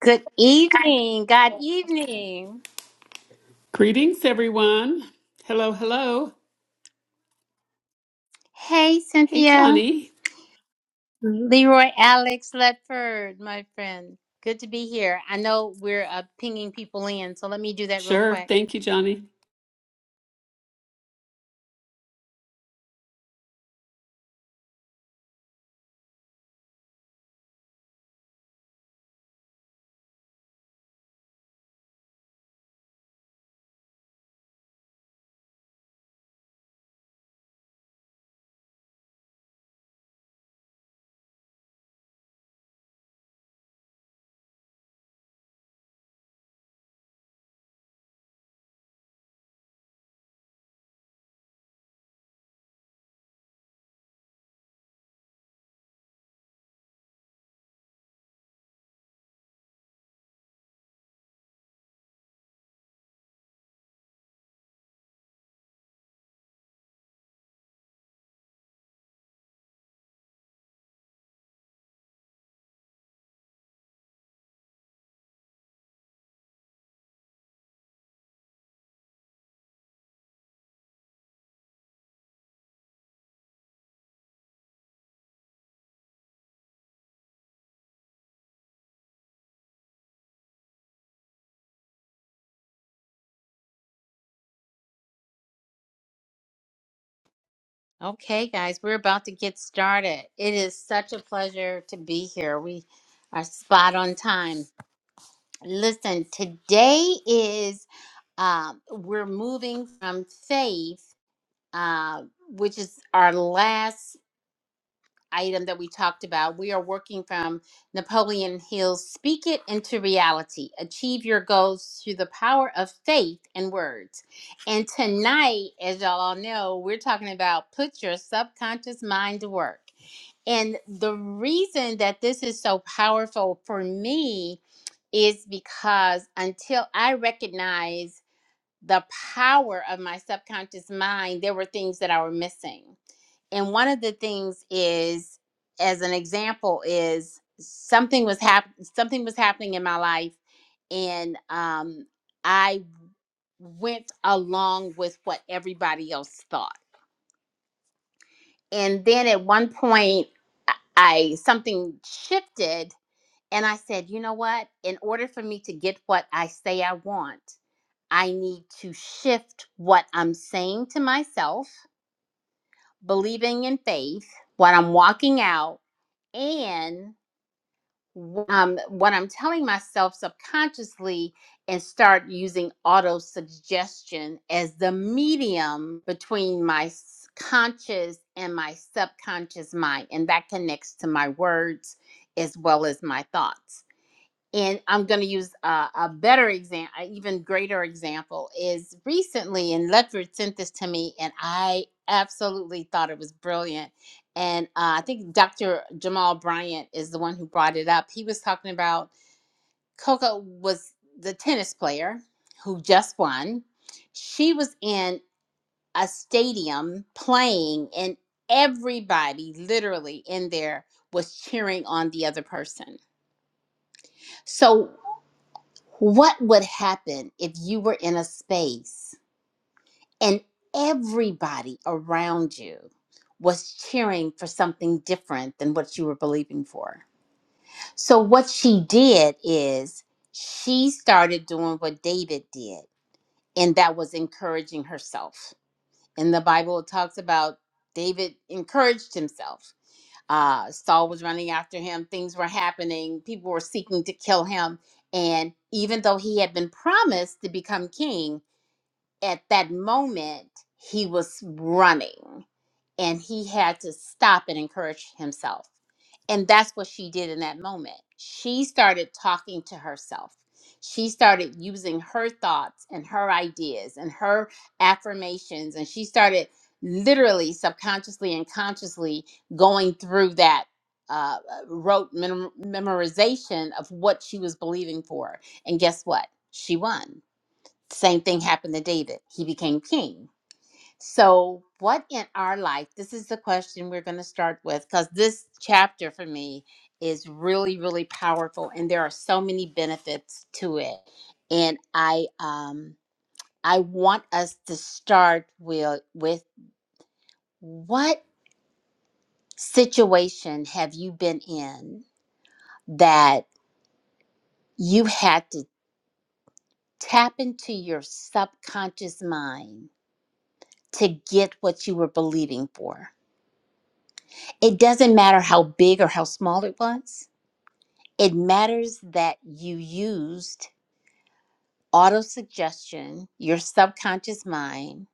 Good evening. Good evening. Greetings, everyone. Hello, hello. Hey, Hey, Cynthia. Johnny. Leroy Alex Ledford, my friend. Good to be here. I know we're uh, pinging people in, so let me do that real Sure. quick. Thank you, Johnny. Okay, guys, we're about to get started. It is such a pleasure to be here. We are spot on time. Listen, today is um, we're moving from faith, uh, which is our last item that we talked about, we are working from Napoleon Hill's Speak It into Reality Achieve Your Goals Through the Power of Faith and Words. And tonight, as y'all all know, we're talking about put your subconscious mind to work. And the reason that this is so powerful for me is because until I recognize the power of my subconscious mind, there were things that I were missing and one of the things is as an example is something was hap- something was happening in my life and um i went along with what everybody else thought and then at one point i I- something shifted and i said you know what in order for me to get what i say i want i need to shift what i'm saying to myself believing in faith what i'm walking out and um, what I'm telling myself subconsciously and start using auto suggestion as the medium between my s- conscious and my subconscious mind. And that connects to my words as well as my thoughts and I'm going to use a, a better example, an even greater example is recently, and Ledford sent this to me, and I absolutely thought it was brilliant. And uh, I think Dr. Jamal Bryant is the one who brought it up. He was talking about Coco was the tennis player who just won. She was in a stadium playing, and everybody literally in there was cheering on the other person. So What would happen if you were in a space and everybody around you was cheering for something different than what you were believing for? So, what she did is she started doing what David did, and that was encouraging herself. In the Bible, it talks about David encouraged himself uh, Saul was running after him. Things were happening. People were seeking to kill him. And even though he had been promised to become king, at that moment, he was running and he had to stop and encourage himself. And that's what she did in that moment. She started talking to herself. She started using her thoughts and her ideas and her affirmations. And she started literally, subconsciously, and consciously going through that uh, rote mem- memorization of what she was believing for. And guess what? She won. Same thing happened to David. He became king so, what in our life? This is the question we're going to start with because this chapter for me is really, really powerful, and there are so many benefits to it. And I, um, I want us to start with with what situation have you been in that you had to tap into your subconscious mind to get what you were believing for? It doesn't matter how big or how small it was It matters that you used autosuggestion, your subconscious mind,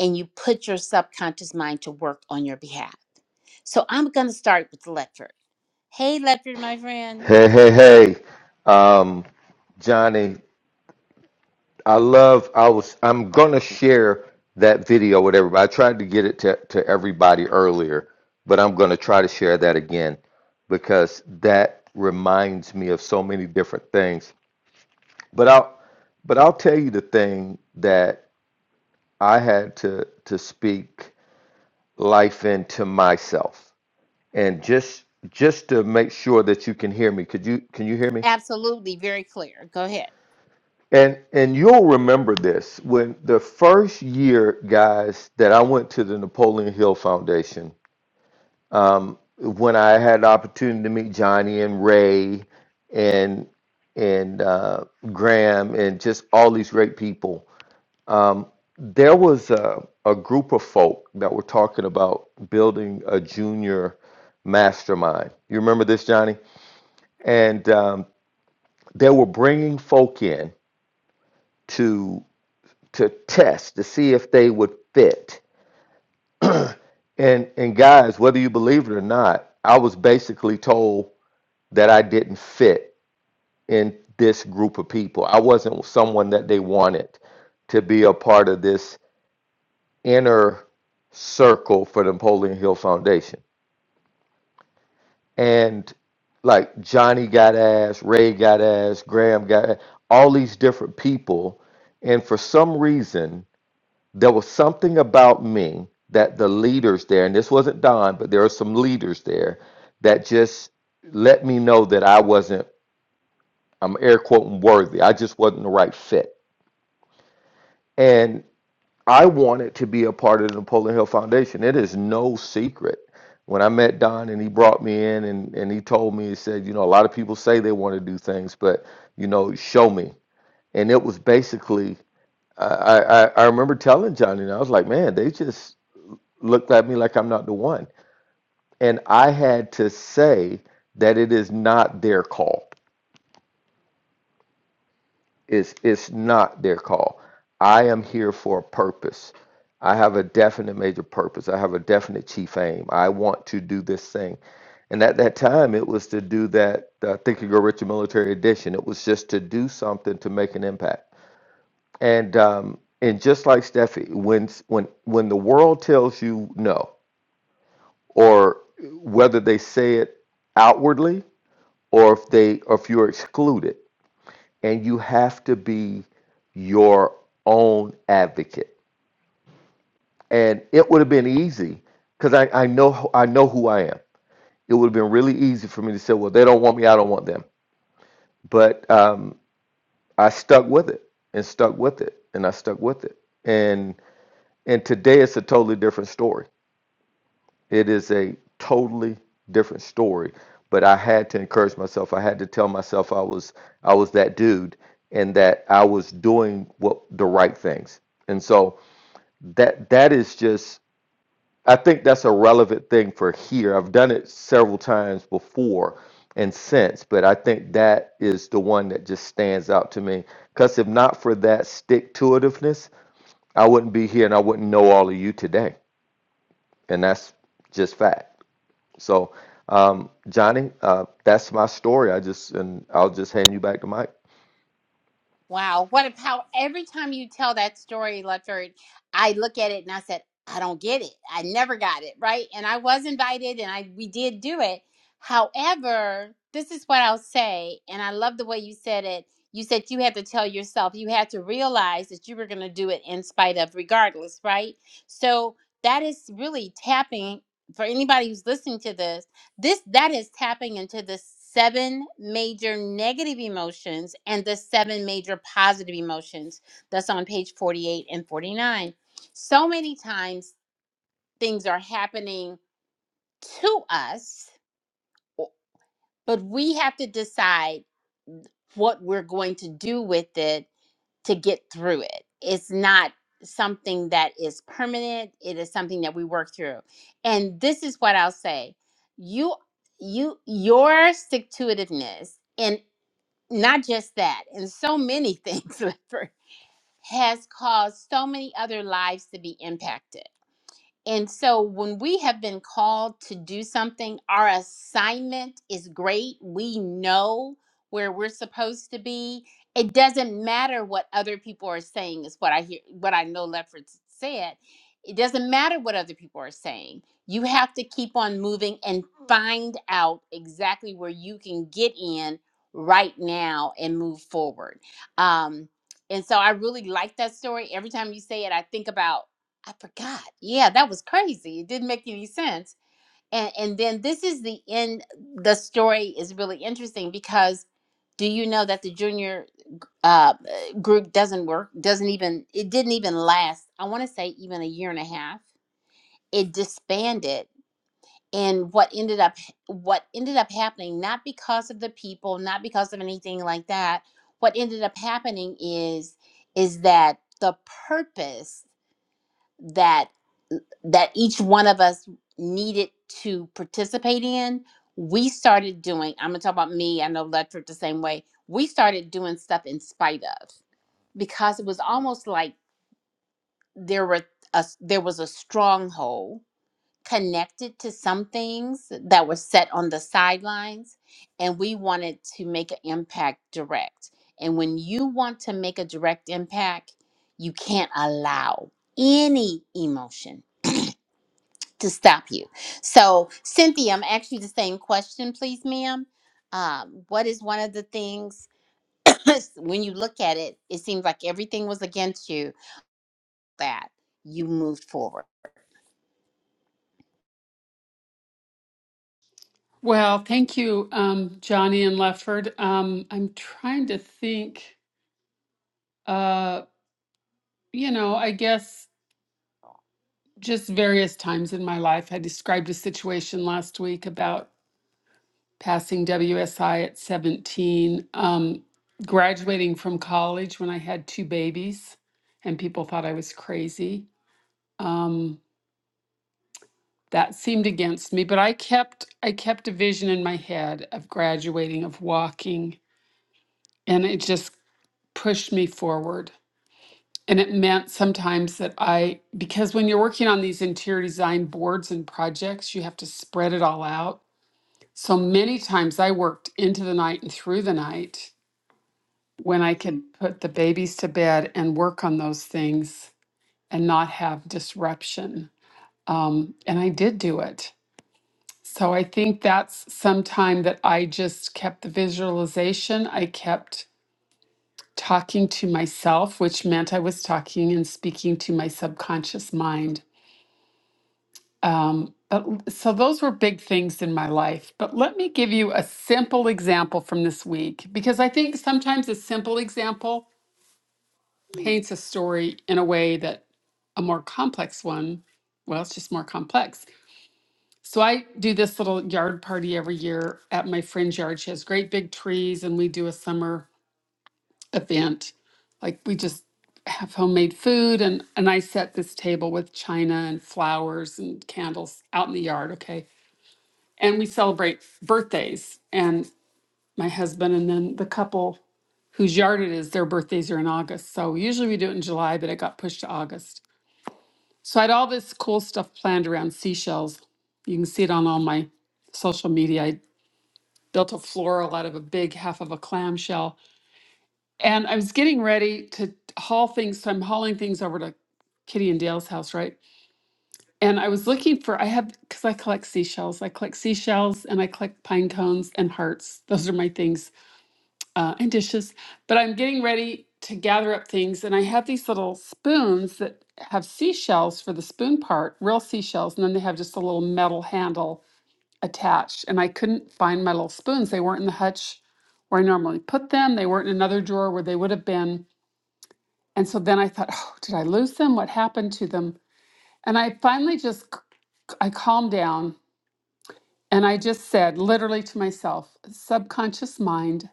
and you put your subconscious mind to work on your behalf. So I'm going to start with Ledford. Hey, Ledford, my friend. Hey, hey, hey, um, Johnny, I love, I was, I'm gonna share that video with everybody. I tried to get it to, to everybody earlier, but I'm gonna try to share that again because that reminds me of so many different things. But I'll, but I'll tell you the thing that I had to to speak life into myself, and just just to make sure that you can hear me. Could you can you hear me? Absolutely, very clear. Go ahead. And and you'll remember this when the first year, guys, that I went to the Napoleon Hill Foundation. Um, when I had the opportunity to meet Johnny and Ray, and and uh, Graham, and just all these great people, there was a, a group of folk that were talking about building a junior mastermind. You remember this, Johnny? And um, they were bringing folk in to test to see if they would fit. And and guys, whether you believe it or not, I was basically told that I didn't fit in this group of people. I wasn't someone that they wanted to be a part of this inner circle for the Napoleon Hill Foundation. And like Johnny got ass, Ray got ass, Graham got ass, all these different people. And for some reason, there was something about me that the leaders there, and this wasn't Don, but there were some leaders there that just let me know that I wasn't, I'm air quoting worthy. I just wasn't the right fit. And I wanted to be a part of the Napoleon Hill Foundation. It is no secret. When I met Don and he brought me in and, and he told me, he said, you know, a lot of people say they want to do things, but, you know, show me. And it was basically, I, I, I I remember telling Johnny, and I was like, man, they just, looked at me like I'm not the one. And I had to say that it is not their call. It's it's not their call. I am here for a purpose. I have a definite major purpose. I have a definite chief aim. I want to do this thing. And at that time, it was to do that uh, Think and Grow Richer Military Edition. It was just to do something to make an impact. And um, and just like Steffi, when when when the world tells you no, or whether they say it outwardly or if they or if you're excluded and you have to be your own advocate and it would have been easy because I, I know I know who I am it would have been really easy for me to say well they don't want me I don't want them but um, I stuck with it and stuck with it and I stuck with it and and today it's a totally different story It is a totally different story. But I had to encourage myself. I had to tell myself I was I was that dude and that I was doing what the right things. And so that that is just I think that's a relevant thing for here. I've done it several times before and since, but I think that is the one that just stands out to me. Because if not for that stick to itiveness, I wouldn't be here and I wouldn't know all of you today. And that's just fact. So, um, Johnny, uh, that's my story. I just and I'll just hand you back the mic. Wow, what a power! Every time you tell that story, Lutford, I look at it and I said, "I don't get it. I never got it right." And I was invited, and I we did do it. However, this is what I'll say, and I love the way you said it. You said you had to tell yourself, you had to realize that you were going to do it in spite of, regardless, right? So that is really tapping for anybody who's listening to this this that is tapping into the seven major negative emotions and the seven major positive emotions that's on page 48 and 49 so many times things are happening to us but we have to decide what we're going to do with it to get through it. It's not something that is permanent. It is something that we work through. And this is what I'll say. You you your stick to itiveness and not just that, and so many things Leopard, has caused so many other lives to be impacted. And so when we have been called to do something, our assignment is great. We know where we're supposed to be. It doesn't matter what other people are saying, is what I hear what I know Lefford said. It doesn't matter what other people are saying. You have to keep on moving and find out exactly where you can get in right now and move forward. Um, and so I really like that story. Every time you say it, I think about I forgot. Yeah, that was crazy. It didn't make any sense. And and then this is the end. The story is really interesting because do you know that the junior uh, uh, group doesn't work? Doesn't even it didn't even last. I want to say even a year and a half. It disbanded. And what ended up what ended up happening, not because of the people, not because of anything like that. What ended up happening is is that the purpose that that each one of us needed to participate in, we started doing, I'm gonna talk about me, I know Ledford the same way. We started doing stuff in spite of because it was almost like there were a, there was a stronghold connected to some things that were set on the sidelines and we wanted to make an impact direct. And when you want to make a direct impact, you can't allow any emotion to stop you. So, Cynthia, I'm actually the same question, please, ma'am. Um, what is one of the things when you look at it, it seems like everything was against you that you moved forward? Well, thank you, um, Johnny and Lefford. Um, I'm trying to think, uh, you know, I guess just various times in my life. I described a situation last week about passing WSI at 17, um, graduating from college when I had two babies, and people thought I was crazy. Um. that seemed against me but i kept i kept a vision in my head of graduating of walking and it just pushed me forward and it meant sometimes that i because when you're working on these interior design boards and projects you have to spread it all out so many times i worked into the night and through the night when i could put the babies to bed and work on those things and not have disruption um, and i did do it So I think that's sometime that I just kept the visualization. I kept talking to myself, which meant I was talking and speaking to my subconscious mind. Um, but l- so those were big things in my life. But let me give you a simple example from this week because I think sometimes a simple example paints a story in a way that a more complex one, well, it's just more complex. So I do this little yard party every year at my friend's yard. She has great big trees and we do a summer event. Like we just have homemade food and and I set this table with china and flowers and candles out in the yard, okay? And we celebrate birthdays and my husband and then the couple whose yard it is, their birthdays are in August. So usually we do it in July, but it got pushed to August. So I had all this cool stuff planned around seashells. You can see it on all my social media. I built a floral out of a big half of a clamshell. And I was getting ready to haul things. So I'm hauling things over to Kitty and Dale's house, right? And I was looking for, I have, because I collect seashells, I collect seashells and I collect pine cones and hearts. Those are my things uh, and dishes. But I'm getting ready to gather up things. And I have these little spoons that have seashells for the spoon part, real seashells. And then they have just a little metal handle attached and I couldn't find my little spoons. They weren't in the hutch where I normally put them. They weren't in another drawer where they would have been. And so then I thought, oh, did I lose them? What happened to them? And I finally just c- I calmed down and I just said literally to myself, subconscious mind,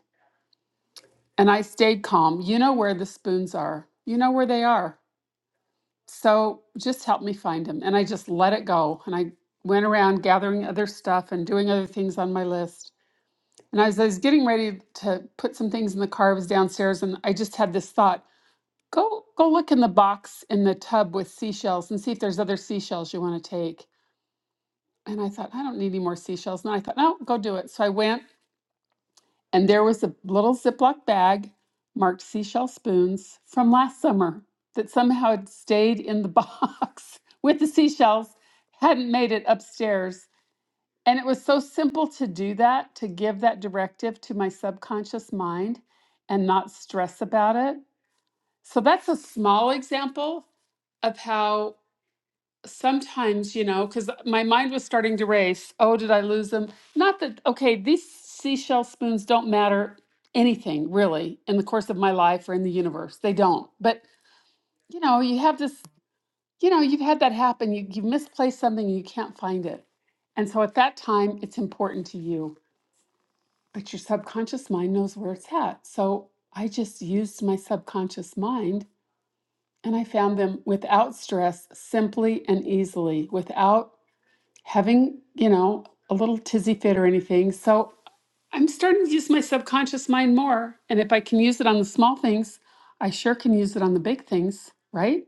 and I stayed calm. You know where the spoons are. You know where they are. So just help me find them. And I just let it go. And I went around gathering other stuff and doing other things on my list. And as I was getting ready to put some things in the car, I was downstairs and I just had this thought. Go go look in the box in the tub with seashells and see if there's other seashells you want to take. And I thought, I don't need any more seashells. And I thought, no, go do it. So I went and there was a little Ziploc bag marked seashell spoons from last summer that somehow had stayed in the box with the seashells, hadn't made it upstairs. And it was so simple to do that, to give that directive to my subconscious mind and not stress about it. So that's a small example of how sometimes, you know, because my mind was starting to race. Oh, did I lose them? Not that, okay, these seashell spoons don't matter anything really in the course of my life or in the universe. They don't. But, you know, you have this, you know, you've had that happen. You, you misplaced something and you can't find it. And so at that time, it's important to you but your subconscious mind knows where it's at. So I just used my subconscious mind and I found them without stress, simply and easily, without having, you know, a little tizzy fit or anything. So I'm starting to use my subconscious mind more. And if I can use it on the small things, I sure can use it on the big things, right?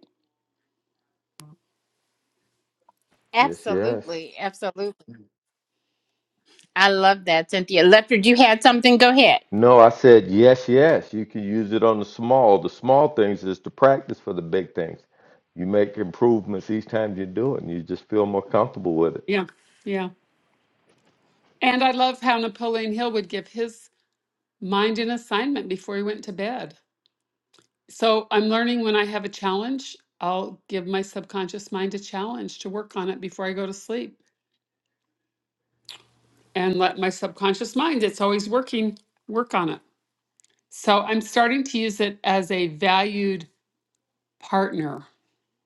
Yes, yes. Absolutely, absolutely. I love that, Cynthia. Leopard, you had something? Go ahead. No, I said yes, yes. You can use it on the small. The small things is to practice for the big things. You make improvements each time you do it, and you just feel more comfortable with it. Yeah. Yeah. And I love how Napoleon Hill would give his mind an assignment before he went to bed. So I'm learning when I have a challenge, I'll give my subconscious mind a challenge to work on it before I go to sleep and let my subconscious mind, it's always working, work on it. So I'm starting to use it as a valued partner.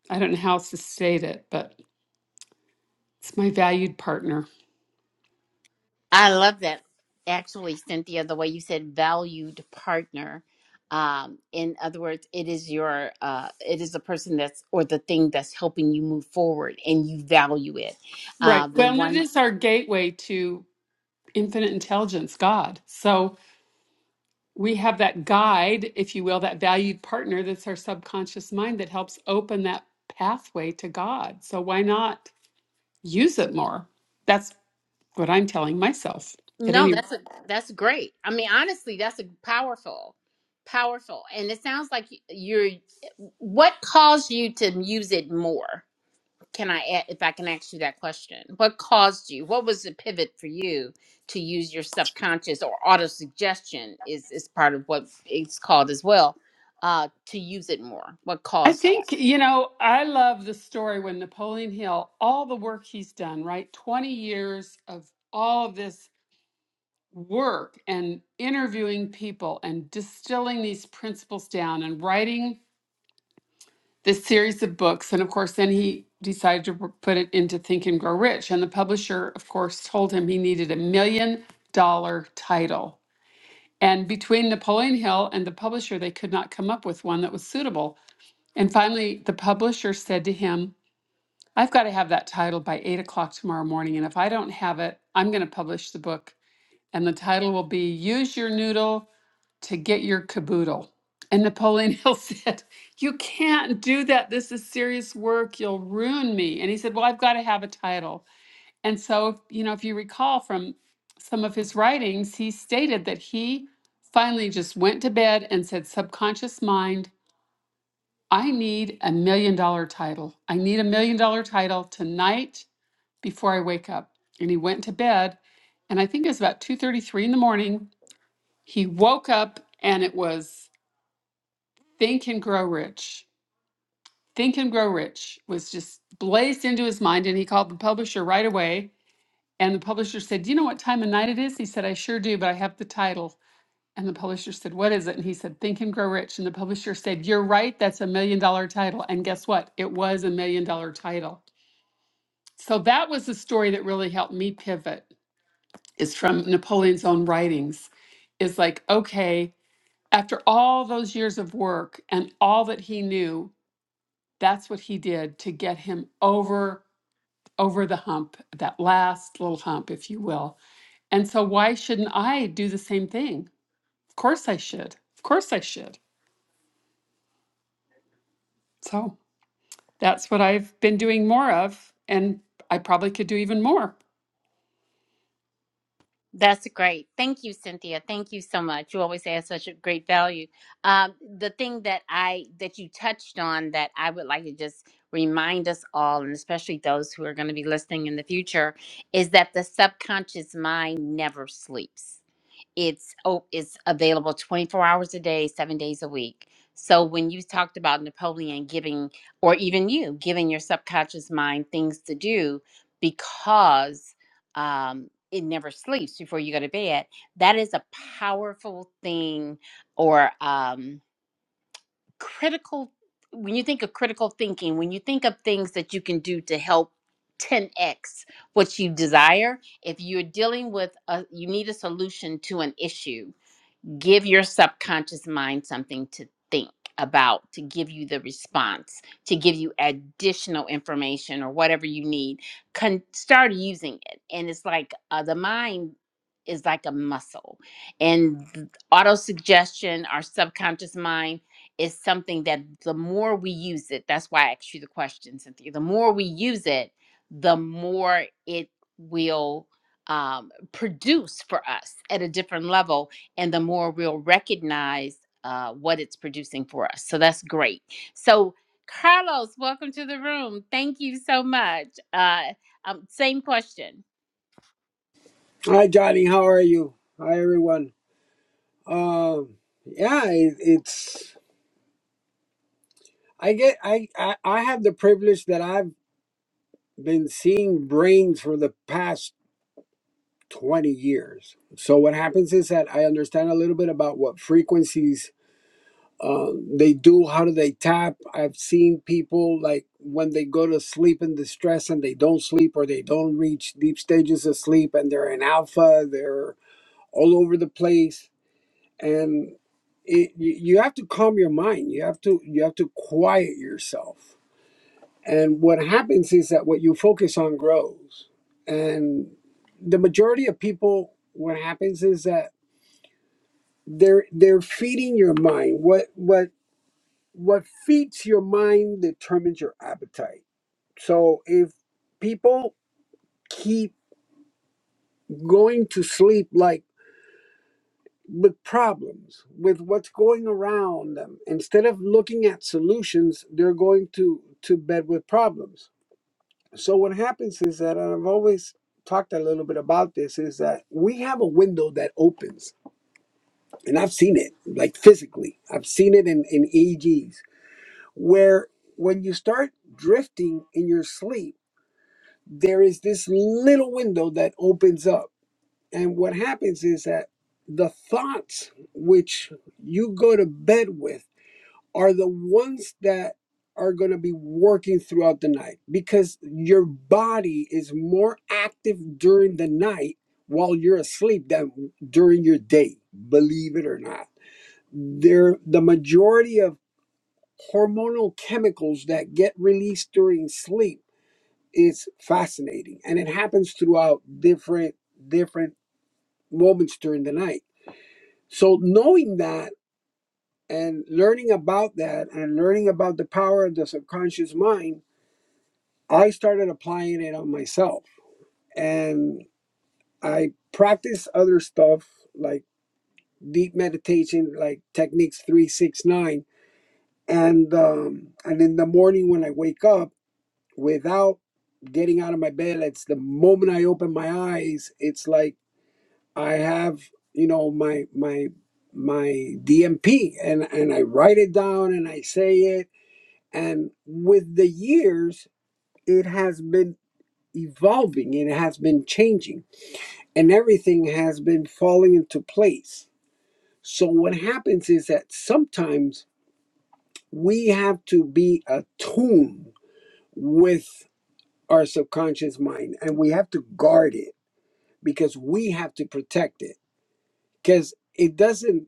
I don't know how else to state it, but it's my valued partner. I love that. Actually, Cynthia, the way you said valued partner. Um, in other words, it is your uh, it is the person that's or the thing that's helping you move forward, and you value it. Right. Uh, the Well, and it one. is our gateway to infinite intelligence, God. So we have that guide, if you will, that valued partner that's our subconscious mind that helps open that pathway to God. So why not use it more? That's what I'm telling myself at No, any rate. that's a that's great. I mean, honestly, that's a powerful, powerful, and it sounds like you're. What caused you to use it more? Can I, a- if I can ask you that question, what caused you? What was the pivot for you to use your subconscious or auto suggestion? Is is part of what it's called as well. Uh, to use it more. What I caused that? think, you know, I love the story when Napoleon Hill, all the work he's done, right? 20 years of all of this work and interviewing people and distilling these principles down and writing this series of books. And of course, then he decided to r- put it into Think and Grow Rich. And the publisher, of course, told him he needed a million dollar title. And between Napoleon Hill and the publisher, they could not come up with one that was suitable. And finally, the publisher said to him, I've got to have that title by eight o'clock tomorrow morning. And if I don't have it, I'm going to publish the book. And the title will be Use Your Noodle to get your caboodle. And Napoleon Hill said, You can't do that. This is serious work. You'll ruin me. And he said, Well, I've got to have a title. And so, you know, if you recall from some of his writings, he stated that he finally just went to bed and said, Subconscious mind, I need a million dollar title. I need a million dollar title tonight before I wake up. And he went to bed. And I think it was about 2:33 in the morning. He woke up and it was Think and Grow Rich. Think and Grow Rich was just blazed into his mind, and he called the publisher right away. And the publisher said, Do you know what time of night it is? He said, I sure do, but I have the title. And the publisher said, What is it? And he said, Think and Grow Rich. And the publisher said, You're right, that's a million dollar title. And guess what? It was a million dollar title. So that was the story that really helped me pivot, is from Napoleon's own writings. Is like, okay, after all those years of work and all that he knew, that's what he did to get him over over the hump that last little hump if you will and so why shouldn't i do the same thing of course i should of course i should so that's what i've been doing more of and i probably could do even more That's great. Thank you, Cynthia. Thank you so much. You always add such a great value. Um, the thing that I that you touched on that I would like to just remind us all, and especially those who are going to be listening in the future, is that the subconscious mind never sleeps it's oh it's available 24 hours a day seven days a week so when you talked about napoleon giving or even you giving your subconscious mind things to do because um it never sleeps before you go to bed that is a powerful thing or um critical when you think of critical thinking when you think of things that you can do to help 10x what you desire if you're dealing with a you need a solution to an issue give your subconscious mind something to think about to give you the response to give you additional information or whatever you need can start using it and it's like uh, the mind is like a muscle and auto suggestion our subconscious mind is something that the more we use it that's why i asked you the question cynthia the more we use it the more it will um, produce for us at a different level and the more we'll recognize uh, what it's producing for us. So that's great. So, Carlos, welcome to the room. Thank you so much. Uh, um, same question. Hi, Johnny. How are you? Hi, everyone. Um, yeah, it, it's I get I, I I have the privilege that I've been seeing brains for the past twenty years. So what happens is that I understand a little bit about what frequencies uh, they do. How do they tap? I've seen people like when they go to sleep in distress and they don't sleep or they don't reach deep stages of sleep and they're in alpha. They're all over the place and it, you you have to calm your mind you have to you have to quiet yourself and what happens is that what you focus on grows and the majority of people what happens is that they're they're feeding your mind what what what feeds your mind determines your appetite so if people keep going to sleep like with problems, with what's going around them. Instead of looking at solutions, they're going to, to bed with problems. So what happens is that, and I've always talked a little bit about this, is that we have a window that opens, and I've seen it, like physically. I've seen it in, in EEGs, where when you start drifting in your sleep, there is this little window that opens up And what happens is that the thoughts which you go to bed with are the ones that are going to be working throughout the night because your body is more active during the night while you're asleep than during your day, believe it or not. There, the majority of hormonal chemicals that get released during sleep is fascinating and it happens throughout different different moments during the night so knowing that and learning about that and learning about the power of the subconscious mind, I started applying it on myself. And I practice other stuff like deep meditation, like techniques 369. And um, and in the morning when I wake up, without getting out of my bed, it's the moment I open my eyes, it's like I have, you know, my my my DMP and and I write it down and I say it and with the years it has been evolving it has been changing and everything has been falling into place. So what happens is that sometimes we have to be attuned with our subconscious mind and we have to guard it because we have to protect it because it doesn't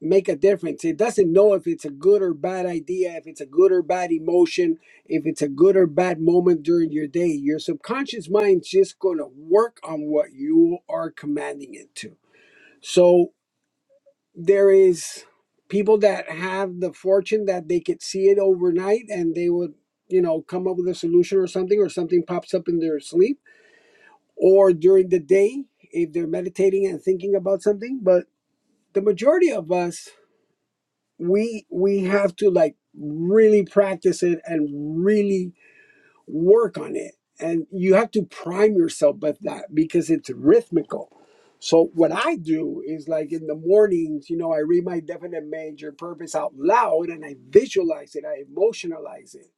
make a difference. It doesn't know if it's a good or bad idea, if it's a good or bad emotion, if it's a good or bad moment during your day. Your subconscious mind's just going to work on what you are commanding it to. So there is people that have the fortune that they could see it overnight and they would, you know, come up with a solution or something or something pops up in their sleep or during the day if they're meditating and thinking about something, but the majority of us we we have to like really practice it and really work on it and you have to prime yourself with that because it's rhythmical so what i do is like in the mornings you know i read my definite major purpose out loud and i visualize it i emotionalize it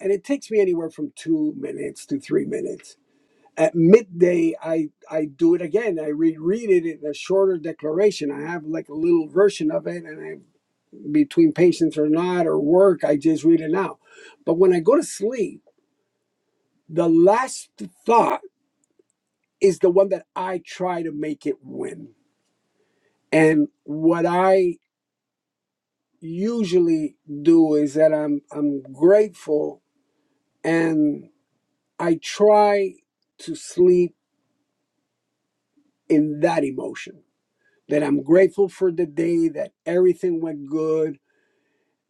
and it takes me anywhere from two minutes to three minutes at midday i i do it again i reread it in a shorter declaration i have like a little version of it and i between patients or not or work, I just read it now. But when I go to sleep, the last thought is the one that I try to make it win. And what I usually do is that I'm I'm grateful and I try to sleep in that emotion. That I'm grateful for the day, that everything went good,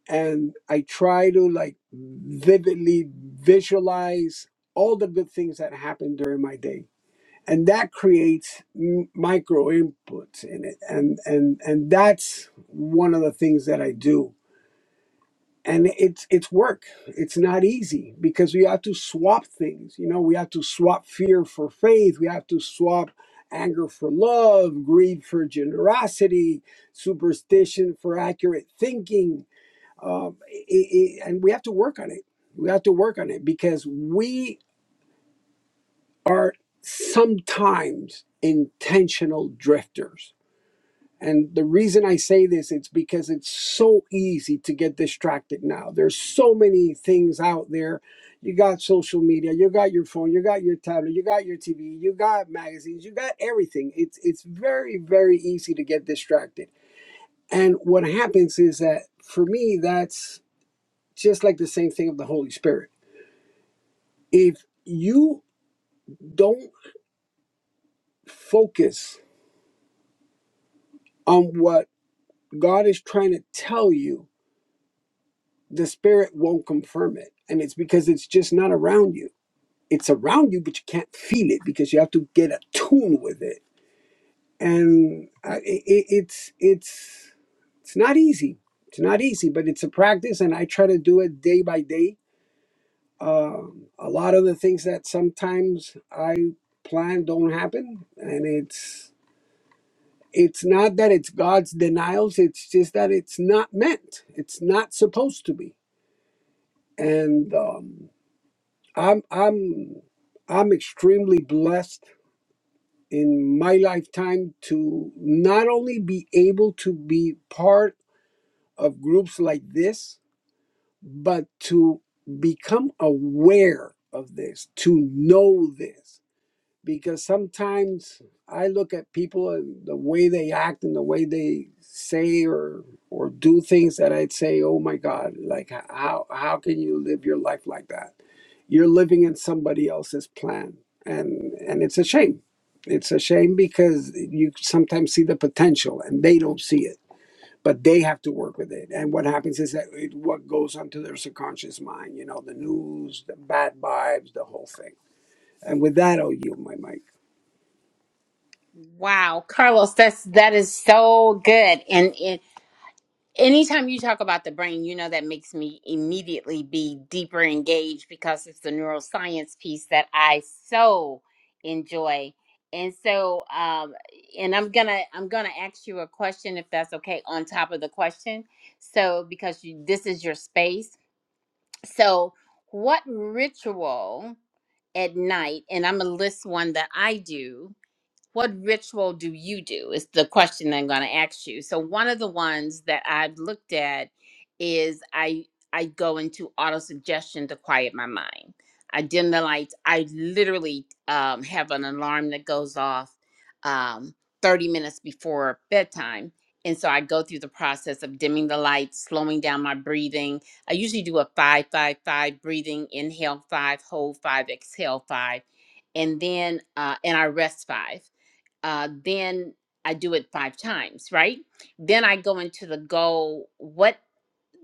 and I try to like vividly visualize all the good things that happen during my day. And that creates m- micro inputs in it, and and and that's one of the things that I do. And it's it's work. It's not easy because we have to swap things. You know, we have to swap fear for faith. We have to swap anger for love, greed for generosity, superstition for accurate thinking um, i i and we have to work on it. We have to work on it because we are sometimes intentional drifters. And the reason I say this, it's because it's so easy to get distracted now. There's so many things out there. You got social media, you got your phone, you got your tablet, you got your TV, you got magazines, you got everything. It's it's very very easy to get distracted. And what happens is that for me, that's just like the same thing of the Holy Spirit if you don't focus on what God is trying to tell you, the spirit won't confirm it. And it's because it's just not around you. It's around you, but you can't feel it because you have to get attuned with it. And I, it, it- it's it's it's not easy. It's not easy, but it's a practice, and I try to do it day by day. Um, a lot of the things that sometimes I plan don't happen, and it's it's not that it's God's denials, it's just that it's not meant. It's not supposed to be. And um, I'm I'm I'm extremely blessed in my lifetime to not only be able to be part of groups like this, but to become aware of this, to know this. because sometimes I look at people and the way they act and the way they say or or do things that I'd say, "Oh my God, like how how can you live your life like that? You're living in somebody else's plan." And and it's a shame. It's a shame because you sometimes see the potential and they don't see it. But they have to work with it. And what happens is that it, what goes onto their subconscious mind, you know, the news, the bad vibes, the whole thing. And with that, I'll yield my mic. Wow, Carlos, that's that is so good, and, and Anytime you talk about the brain, you know that makes me immediately be deeper engaged because it's the neuroscience piece that I so enjoy. And so, um, and I'm gonna I'm gonna ask you a question if that's okay on top of the question. So because you, this is your space. So what ritual at night? And I'm gonna list one that I do what ritual do you do is the question i'm going to ask you so one of the ones that i've looked at is i i go into auto suggestion to quiet my mind i dim the lights i literally um, have an alarm that goes off um, 30 minutes before bedtime and so i go through the process of dimming the lights slowing down my breathing i usually do a five five five breathing inhale five hold five exhale five and then uh, and i rest five uh, then I do it five times, right? Then I go into the goal. What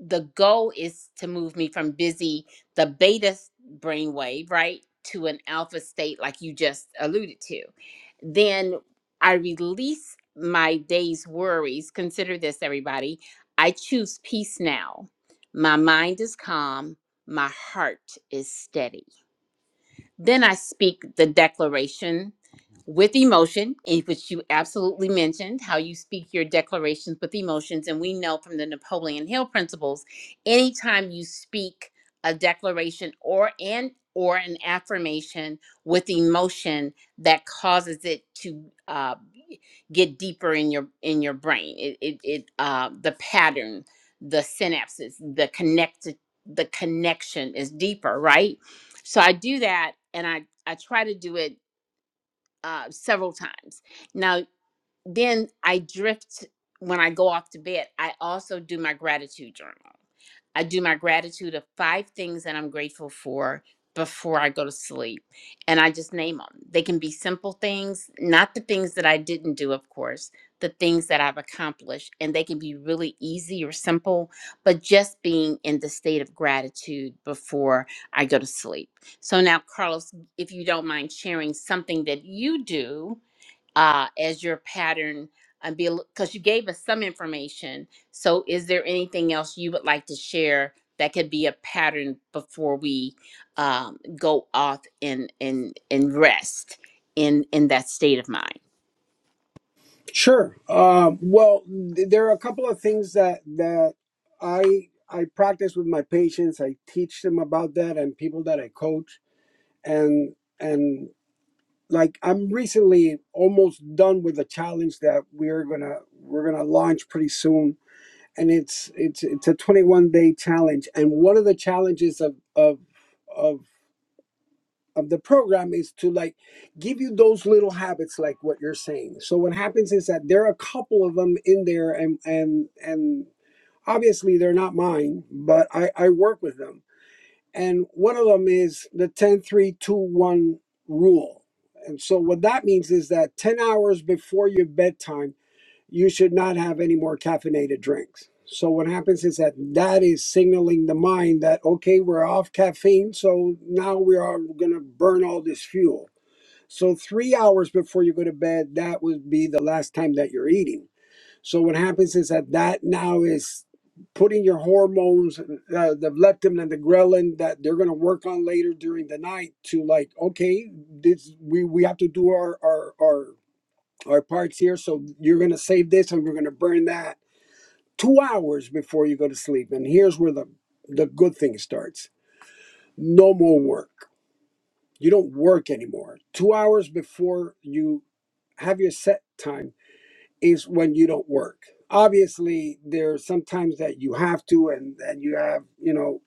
the goal is to move me from busy, the beta brainwave, right, to an alpha state, like you just alluded to. Then I release my day's worries. Consider this, everybody. I choose peace now. My mind is calm. My heart is steady. Then I speak the declaration with emotion, in which you absolutely mentioned how you speak your declarations with emotions. And we know from the Napoleon Hill principles, anytime you speak a declaration or an or an affirmation with emotion that causes it to uh, get deeper in your in your brain. It it, it uh, the pattern, the synapses, the connected the connection is deeper, right? so i do that and i i try to do it uh, several times now then I drift when I go off to bed. I also do my gratitude journal. I do my gratitude of five things that I'm grateful for before I go to sleep. And I just name them. They can be simple things, not the things that I didn't do, of course, the things that I've accomplished. And they can be really easy or simple, but just being in the state of gratitude before I go to sleep. So now, Carlos, if you don't mind sharing something that you do uh, as your pattern and be because you gave us some information. So, is there anything else you would like to share that could be a pattern before we um, go off and and and rest in in that state of mind? Sure. Um, well, th- there are a couple of things that that I I practice with my patients. I teach them about that, and people that I coach, and and like I'm recently almost done with a challenge that we're gonna we're gonna launch pretty soon, and it's it's it's a 21 day challenge, and one of the challenges of of of of the program is to like give you those little habits like what you're saying so what happens is that there are a couple of them in there and and and obviously they're not mine but i i work with them and one of them is the ten three two one rule and so what that means is that 10 hours before your bedtime you should not have any more caffeinated drinks. So what happens is that that is signaling the mind that okay, we're off caffeine, so now we are going to burn all this fuel. So 3 hours before you go to bed, that would be the last time that you're eating. So what happens is that that now is putting your hormones uh, the leptin and the ghrelin that they're going to work on later during the night to like okay this we we have to do our our our or parts here. So you're going to save this and we're going to burn that two hours before you go to sleep. And here's where the, the good thing starts no more work. You don't work anymore. Two hours before you have your set time is when you don't work. Obviously, there's sometimes that you have to, and, and you have, you know,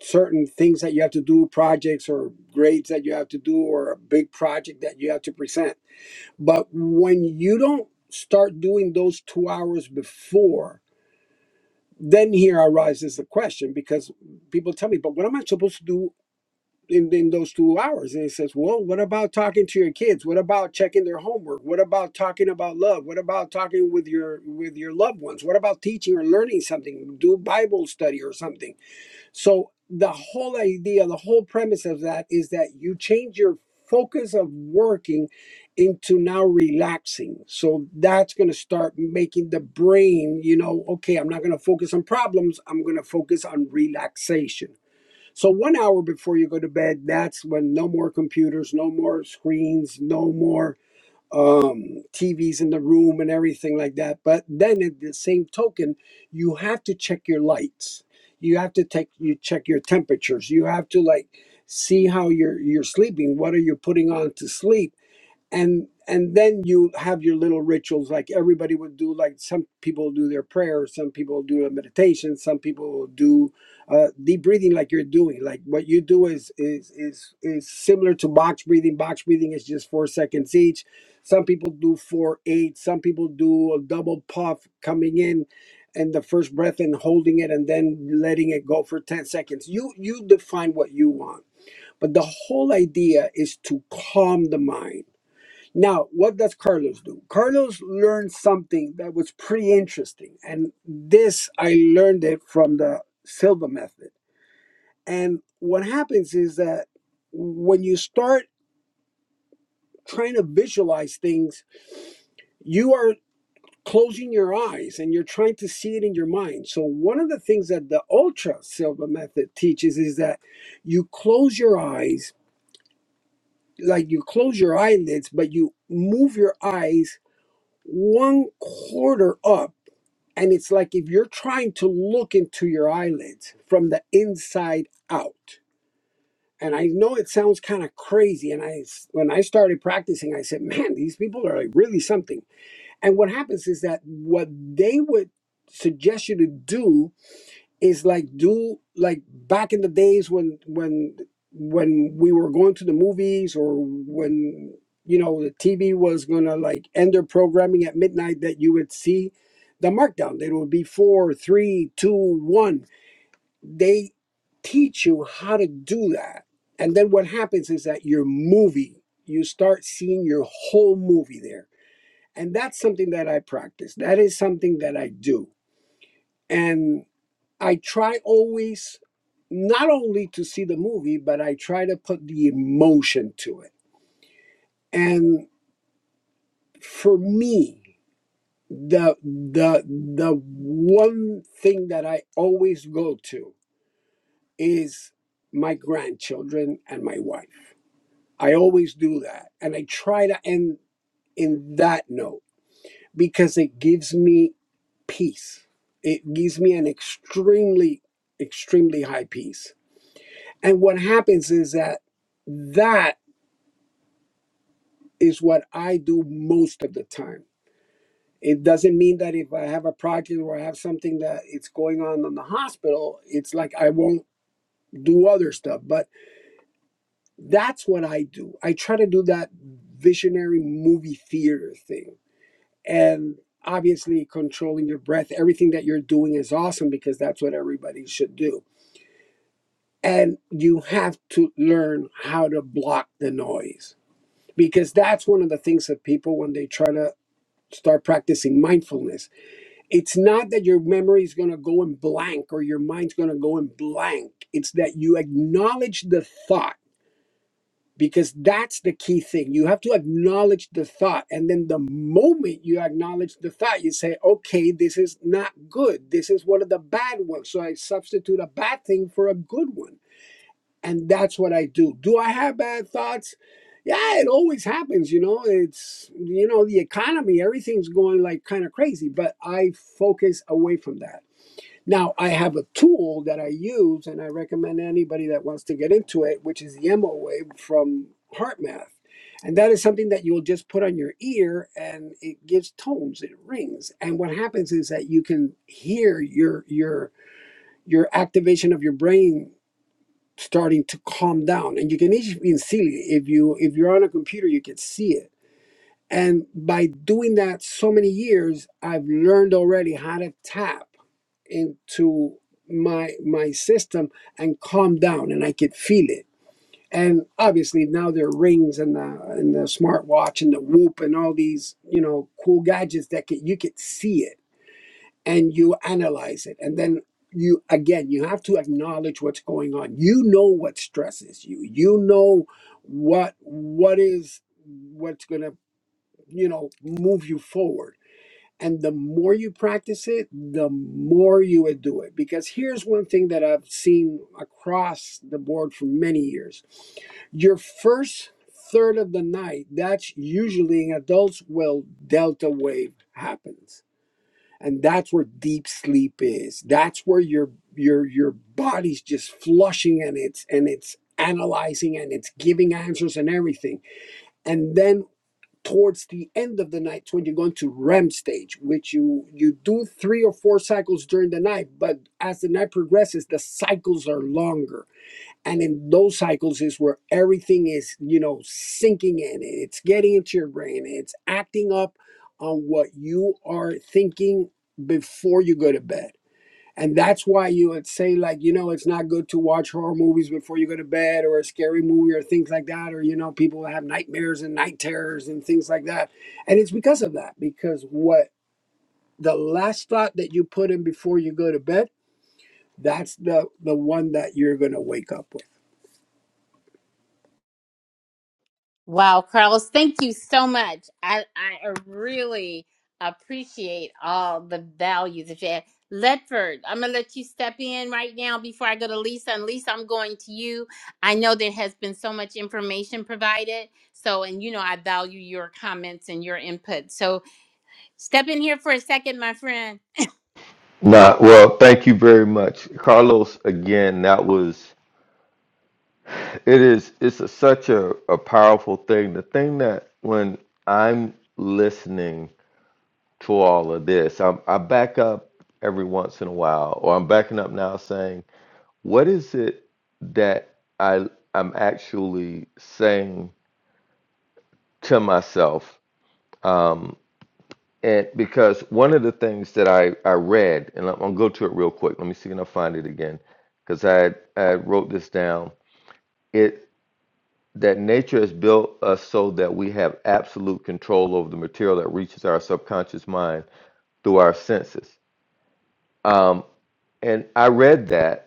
certain things that you have to do, projects or grades that you have to do, or a big project that you have to present But when you don't start doing those two hours before, then here arises the question because people tell me, but what am I supposed to do in, in those two hours? And it says, well, what about talking to your kids? What about checking their homework? What about talking about love? What about talking with your with your loved ones? What about teaching or learning something? Do Bible study or something? So the whole idea, the whole premise of that is that you change your focus of working into now relaxing. So that's going to start making the brain, you know, okay, I'm not going to focus on problems, I'm going to focus on relaxation. So 1 hour before you go to bed, that's when no more computers, no more screens, no more um, TVs in the room and everything like that. But then, at the same token, you have to check your lights. You have to take you check your temperatures. You have to like see how you're you're sleeping. What are you putting on to sleep? and and then you have your little rituals like everybody would do like some people do their prayers some people do a meditation some people will do uh, deep breathing like you're doing like what you do is is is is similar to box breathing box breathing is just four seconds each some people do four eight some people do a double puff coming in and the first breath and holding it and then letting it go for 10 seconds you you define what you want but the whole idea is to calm the mind now, what does Carlos do? Carlos learned something that was pretty interesting. And this, I learned it from the Silva method. And what happens is that when you start trying to visualize things, you are closing your eyes and you're trying to see it in your mind. So, one of the things that the Ultra Silva method teaches is that you close your eyes, like you close your eyelids, but you move your eyes one quarter up And it's like if you're trying to look into your eyelids from the inside out. And I know it sounds kind of crazy. And I, when I started practicing, I said, man, these people are like really something. And what happens is that what they would suggest you to do is like do like back in the days when when when we were going to the movies or when you know the TV was gonna like end their programming at midnight that you would see the markdown. It would be four, three, two, one. They teach you how to do that. And then what happens is that your movie, you start seeing your whole movie there. And that's something that I practice. That is something that I do. And I try always not only to see the movie, but I try to put the emotion to it. And for me, the the the one thing that I always go to is my grandchildren and my wife. I always do that. And I try to end in that note because it gives me peace. It gives me an extremely, extremely high peace. And what happens is that that is what I do most of the time. It doesn't mean that if I have a project or I have something that it's going on in the hospital, it's like I won't do other stuff, but that's what I do. I try to do that visionary movie theater thing. And obviously, controlling your breath, everything that you're doing is awesome because that's what everybody should do. And you have to learn how to block the noise because that's one of the things that people, when they try to start practicing mindfulness, it's not that your memory is going to go in blank or your mind's going to go in blank. It's that you acknowledge the thought because that's the key thing. You have to acknowledge the thought. And then the moment you acknowledge the thought, you say, okay, this is not good. This is one of the bad ones. So I substitute a bad thing for a good one. And that's what I do. Do I have bad thoughts? Yeah, it always happens, you know. It's, you know, the economy, everything's going like kind of crazy, but I focus away from that now, I have a tool that I use, and I recommend anybody that wants to get into it, which is the MOA from HeartMath. And that is something that you'll just put on your ear and it gives tones, it rings. And what happens is that you can hear your your your activation of your brain starting to calm down. And you can even see it. If you if you're on a computer, you can see it. And by doing that so many years, I've learned already how to tap into my my system and calm down and i could feel it and obviously now there are rings and the and the smartwatch and the whoop and all these you know cool gadgets that could, you could see it and you analyze it and then you again you have to acknowledge what's going on you know what stresses you you know what what is what's going to you know move you forward and the more you practice it, the more you would do it. Because here's one thing that I've seen across the board for many years your first third of the night, that's usually in adults will delta wave happens. And that's where deep sleep is. That's where your your your body's just flushing and it's and it's analyzing and it's giving answers and everything. And then towards the end of the night when you're going to REM stage, which you you do three or four cycles during the night, but as the night progresses, the cycles are longer. And in those cycles is where everything is, you know, sinking in. It's getting into your brain. It's acting up on what you are thinking before you go to bed and that's why you would say, like, you know, it's not good to watch horror movies before you go to bed or a scary movie or things like that. Or, you know, people have nightmares and night terrors and things like that. And it's because of that, because what the last thought that you put in before you go to bed, that's the, the one that you're going to wake up with. Wow, Carlos, thank you so much. I, I really appreciate all the value that you add. Ledford, I'm going to let you step in right now before I go to Lisa. And Lisa, I'm going to you. I know there has been so much information provided. So, and you know, I value your comments and your input. So, step in here for a second, my friend. Nah, well, thank you very much, Carlos. Again, that was it is it's a, such a, a powerful thing. The thing that when I'm listening to all of this. I'm, I back up every once in a while, or I'm backing up now saying, what is it that I, I'm actually saying to myself? Um, and because one of the things that I, I read, and I'm gonna go to it real quick. Let me see if I can find it again, because I, had- I had wrote this down. It that nature has built us so that we have absolute control over the material that reaches our subconscious mind through our senses. Um, and I read that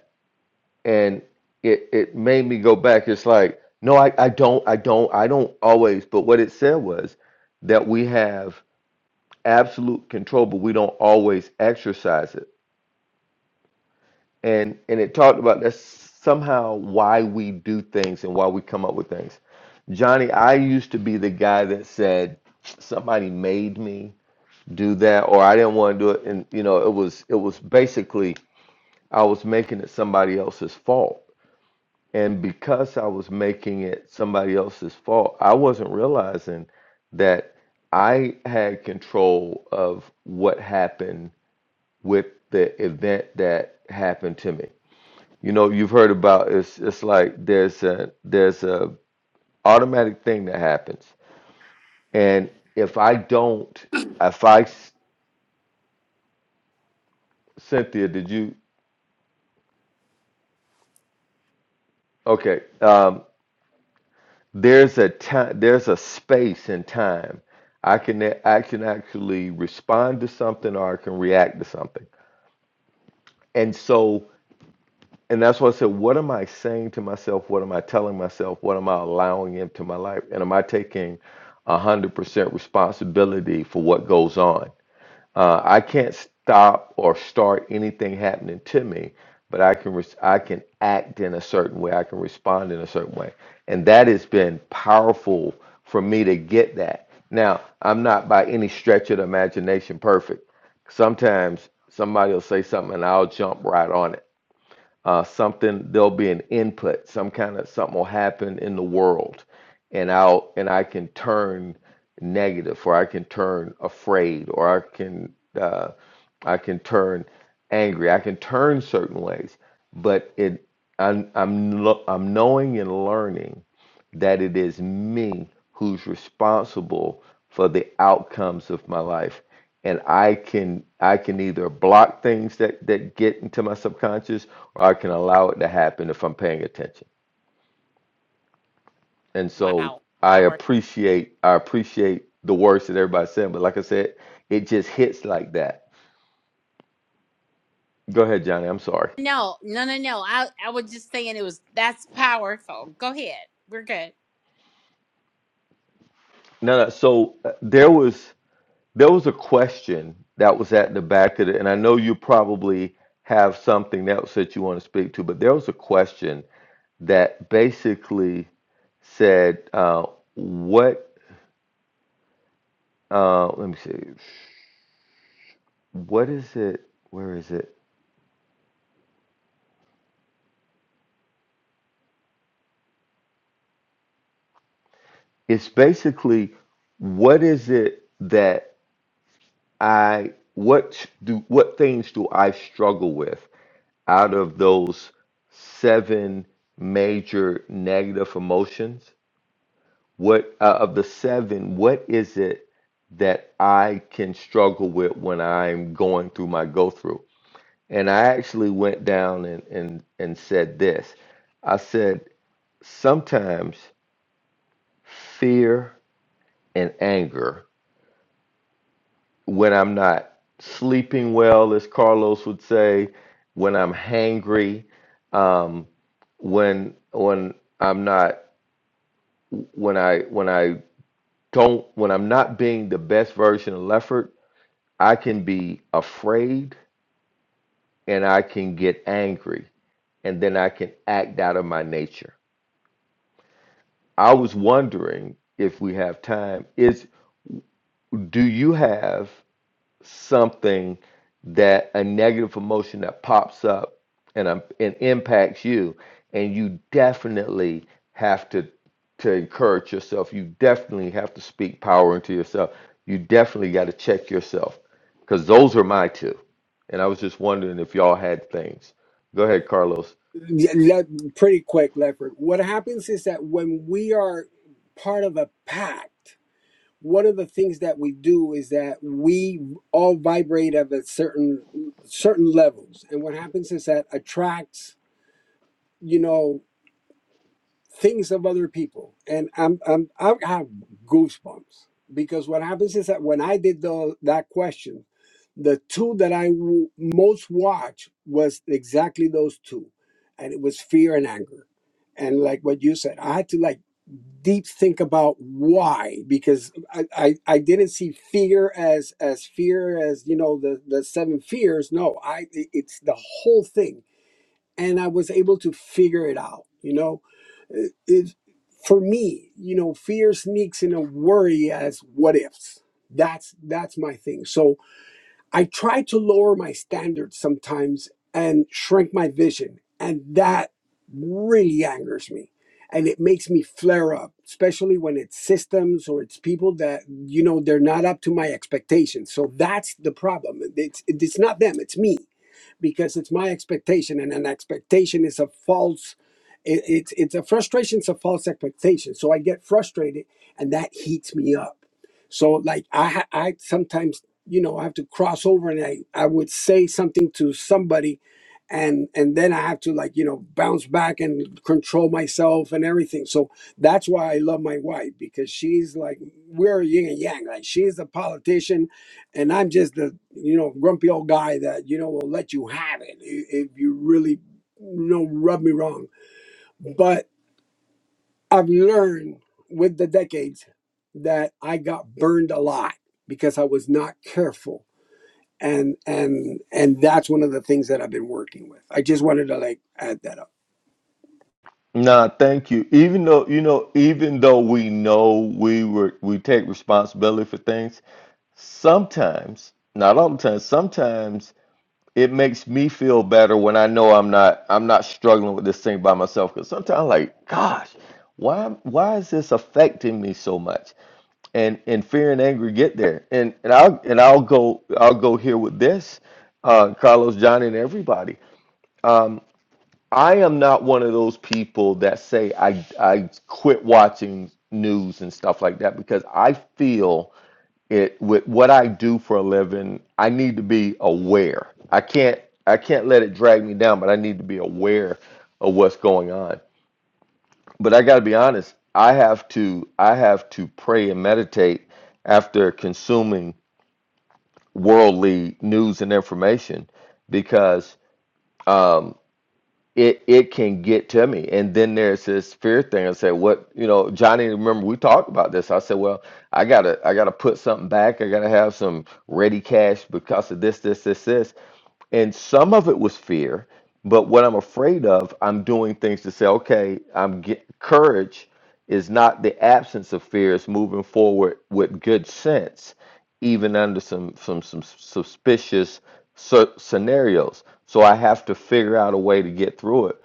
and it it made me go back. It's like, no, I, I don't, I don't, I don't always. But what it said was that we have absolute control, but we don't always exercise it. And and it talked about that's somehow why we do things and why we come up with things. Johnny, I used to be the guy that said somebody made me do that or I didn't want to do it. And you know, it was it was basically I was making it somebody else's fault And because I was making it somebody else's fault, I wasn't realizing that I had control of what happened with the event that happened to me. You know, you've heard about it's it's like there's a there's a automatic thing that happens. And if I don't, if I Cynthia, did you okay, Um, There's a time, there's a space and time. I can I can actually respond to something or I can react to something. And so, and that's why I said, what am I saying to myself? What am I telling myself? What am I allowing into my life? And am I taking 100% responsibility for what goes on? Uh, I can't stop or start anything happening to me, but I can res- I can act in a certain way. I can respond in a certain way, and that has been powerful for me to get that. Now I'm not by any stretch of the imagination perfect. Sometimes somebody will say something and I'll jump right on it uh, something there'll be an input some kind of something will happen in the world and i'll and i can turn negative or i can turn afraid or i can uh, i can turn angry i can turn certain ways but it i'm i'm, lo- I'm knowing and learning that it is me who's responsible for the outcomes of my life and i can i can either block things that that get into my subconscious or i can allow it to happen if i'm paying attention and so Wow, i power. appreciate i appreciate the words that everybody said but like i said it just hits like that go ahead johnny i'm sorry No, no, no, no. I, I was just saying it was that's powerful. Go ahead. We're good. no no so uh, there was There was a question that was at the back of it, and I know you probably have something else that you want to speak to, but there was a question that basically said, uh, "What? Uh, let me see. What is it? Where is it? It's basically what is it that I what do what things do I struggle with out of those seven major negative emotions?" What uh, of the seven, what is it that I can struggle with when I'm going through my go through? And I actually went down and, and, and said this I said, sometimes fear and anger, when I'm not sleeping well, as Carlos would say, when I'm hangry, um, when, when I'm not, when I, when I don't, when I'm not being the best version of Lefford I can be afraid and I can get angry and then I can act out of my nature. I was wondering if we have time is do you have something that a negative emotion that pops up and um, and impacts you and you definitely have to to encourage yourself you definitely have to speak power into yourself you definitely got to check yourself because those are my two and i was just wondering if y'all had things go ahead carlos Yeah, le- pretty quick, Leopard. What happens is that when we are part of a pact, one of the things that we do is that we all vibrate at a certain certain levels and what happens is that attracts you know things of other people, and I'm I'm I have goosebumps because what happens is that when I did the that question, the two that I w- most watched was exactly those two, and it was fear and anger, and like what you said, I had to like deep think about why because I, I i didn't see fear as as fear as you know the the seven fears no i it- it's the whole thing and I was able to figure it out. You know, it, it- for me, you know, fear sneaks in a worry as what ifs. That's that's my thing. So I try to lower my standards sometimes and shrink my vision. And that really angers me. And it makes me flare up, especially when it's systems or it's people that, you know, they're not up to my expectations. So that's the problem. It's, it's not them, it's me because it's my expectation. And an expectation is a false, it, it's, it's a frustration, it's a false expectation. So I get frustrated and that heats me up. So like I ha- I sometimes you know i have to cross over and i i would say something to somebody and and then i have to like you know bounce back and control myself and everything so that's why i love my wife because she's like we're yin and yang like she's a politician and i'm just the you know grumpy old guy that you know will let you have it i- if you really you know rub me wrong but i've learned with the decades that i got burned a lot because i was not careful and and and that's one of the things that I've been working with. I just wanted to like add that up. Nah, thank you. Even though, you know, even though we know we were we take responsibility for things, sometimes, not all the time, sometimes it makes me feel better when I know I'm not I'm not struggling with this thing by myself. Because sometimes, I'm like, gosh, why why is this affecting me so much? and and fear and anger get there. And and I'll and I'll go I'll go here with this, uh, Carlos, John, and everybody. Um, I am not one of those people that say I I quit watching news and stuff like that because I feel it with what I do for a living, I need to be aware. I can't I can't let it drag me down, but I need to be aware of what's going on. But I got to be honest, I have to I have to pray and meditate after consuming worldly news and information because um, it it can get to me. And then there's this fear thing. I said, what, you know, Johnny, remember we talked about this. I said, well, I gotta I gotta put something back. I gotta have some ready cash because of this, this, this, this. And some of it was fear, but what I'm afraid of, I'm doing things to say, okay, I'm get, courage is not the absence of fear, it's moving forward with good sense even under some some some suspicious cer- scenarios. So I have to figure out a way to get through it.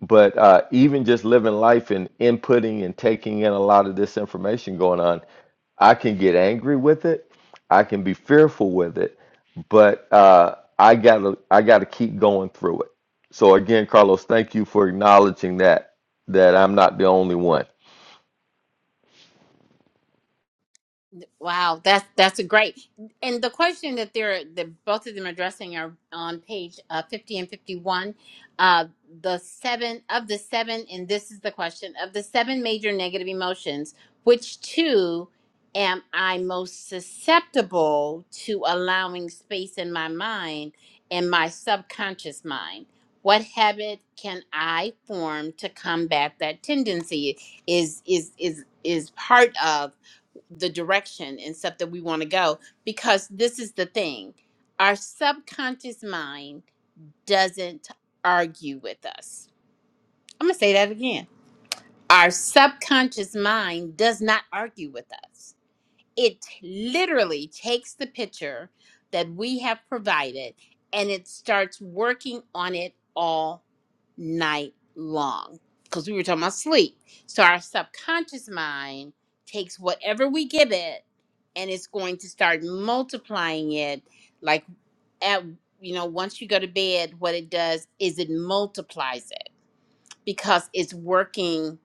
But uh, even just living life and inputting and taking in a lot of this information going on, I can get angry with it. I can be fearful with it. But uh, I gotta I gotta keep going through it. So again, Carlos, thank you for acknowledging that that I'm not the only one. Wow, that's that's a great. And the question that they're that both of them are addressing are on page uh, fifty and fifty one. Uh, the seven of the seven, and this is the question of the seven major negative emotions. Which two am I most susceptible to allowing space in my mind and my subconscious mind? What habit can I form to combat that tendency? Is is is is part of the direction and stuff that we want to go because this is the thing our subconscious mind doesn't argue with us. I'm going to say that again. Our subconscious mind does not argue with us it literally takes the picture that we have provided and it starts working on it all night long because we were talking about sleep so our subconscious mind takes whatever we give it and it's going to start multiplying it like at you know once you go to bed what it does is it multiplies it because it's working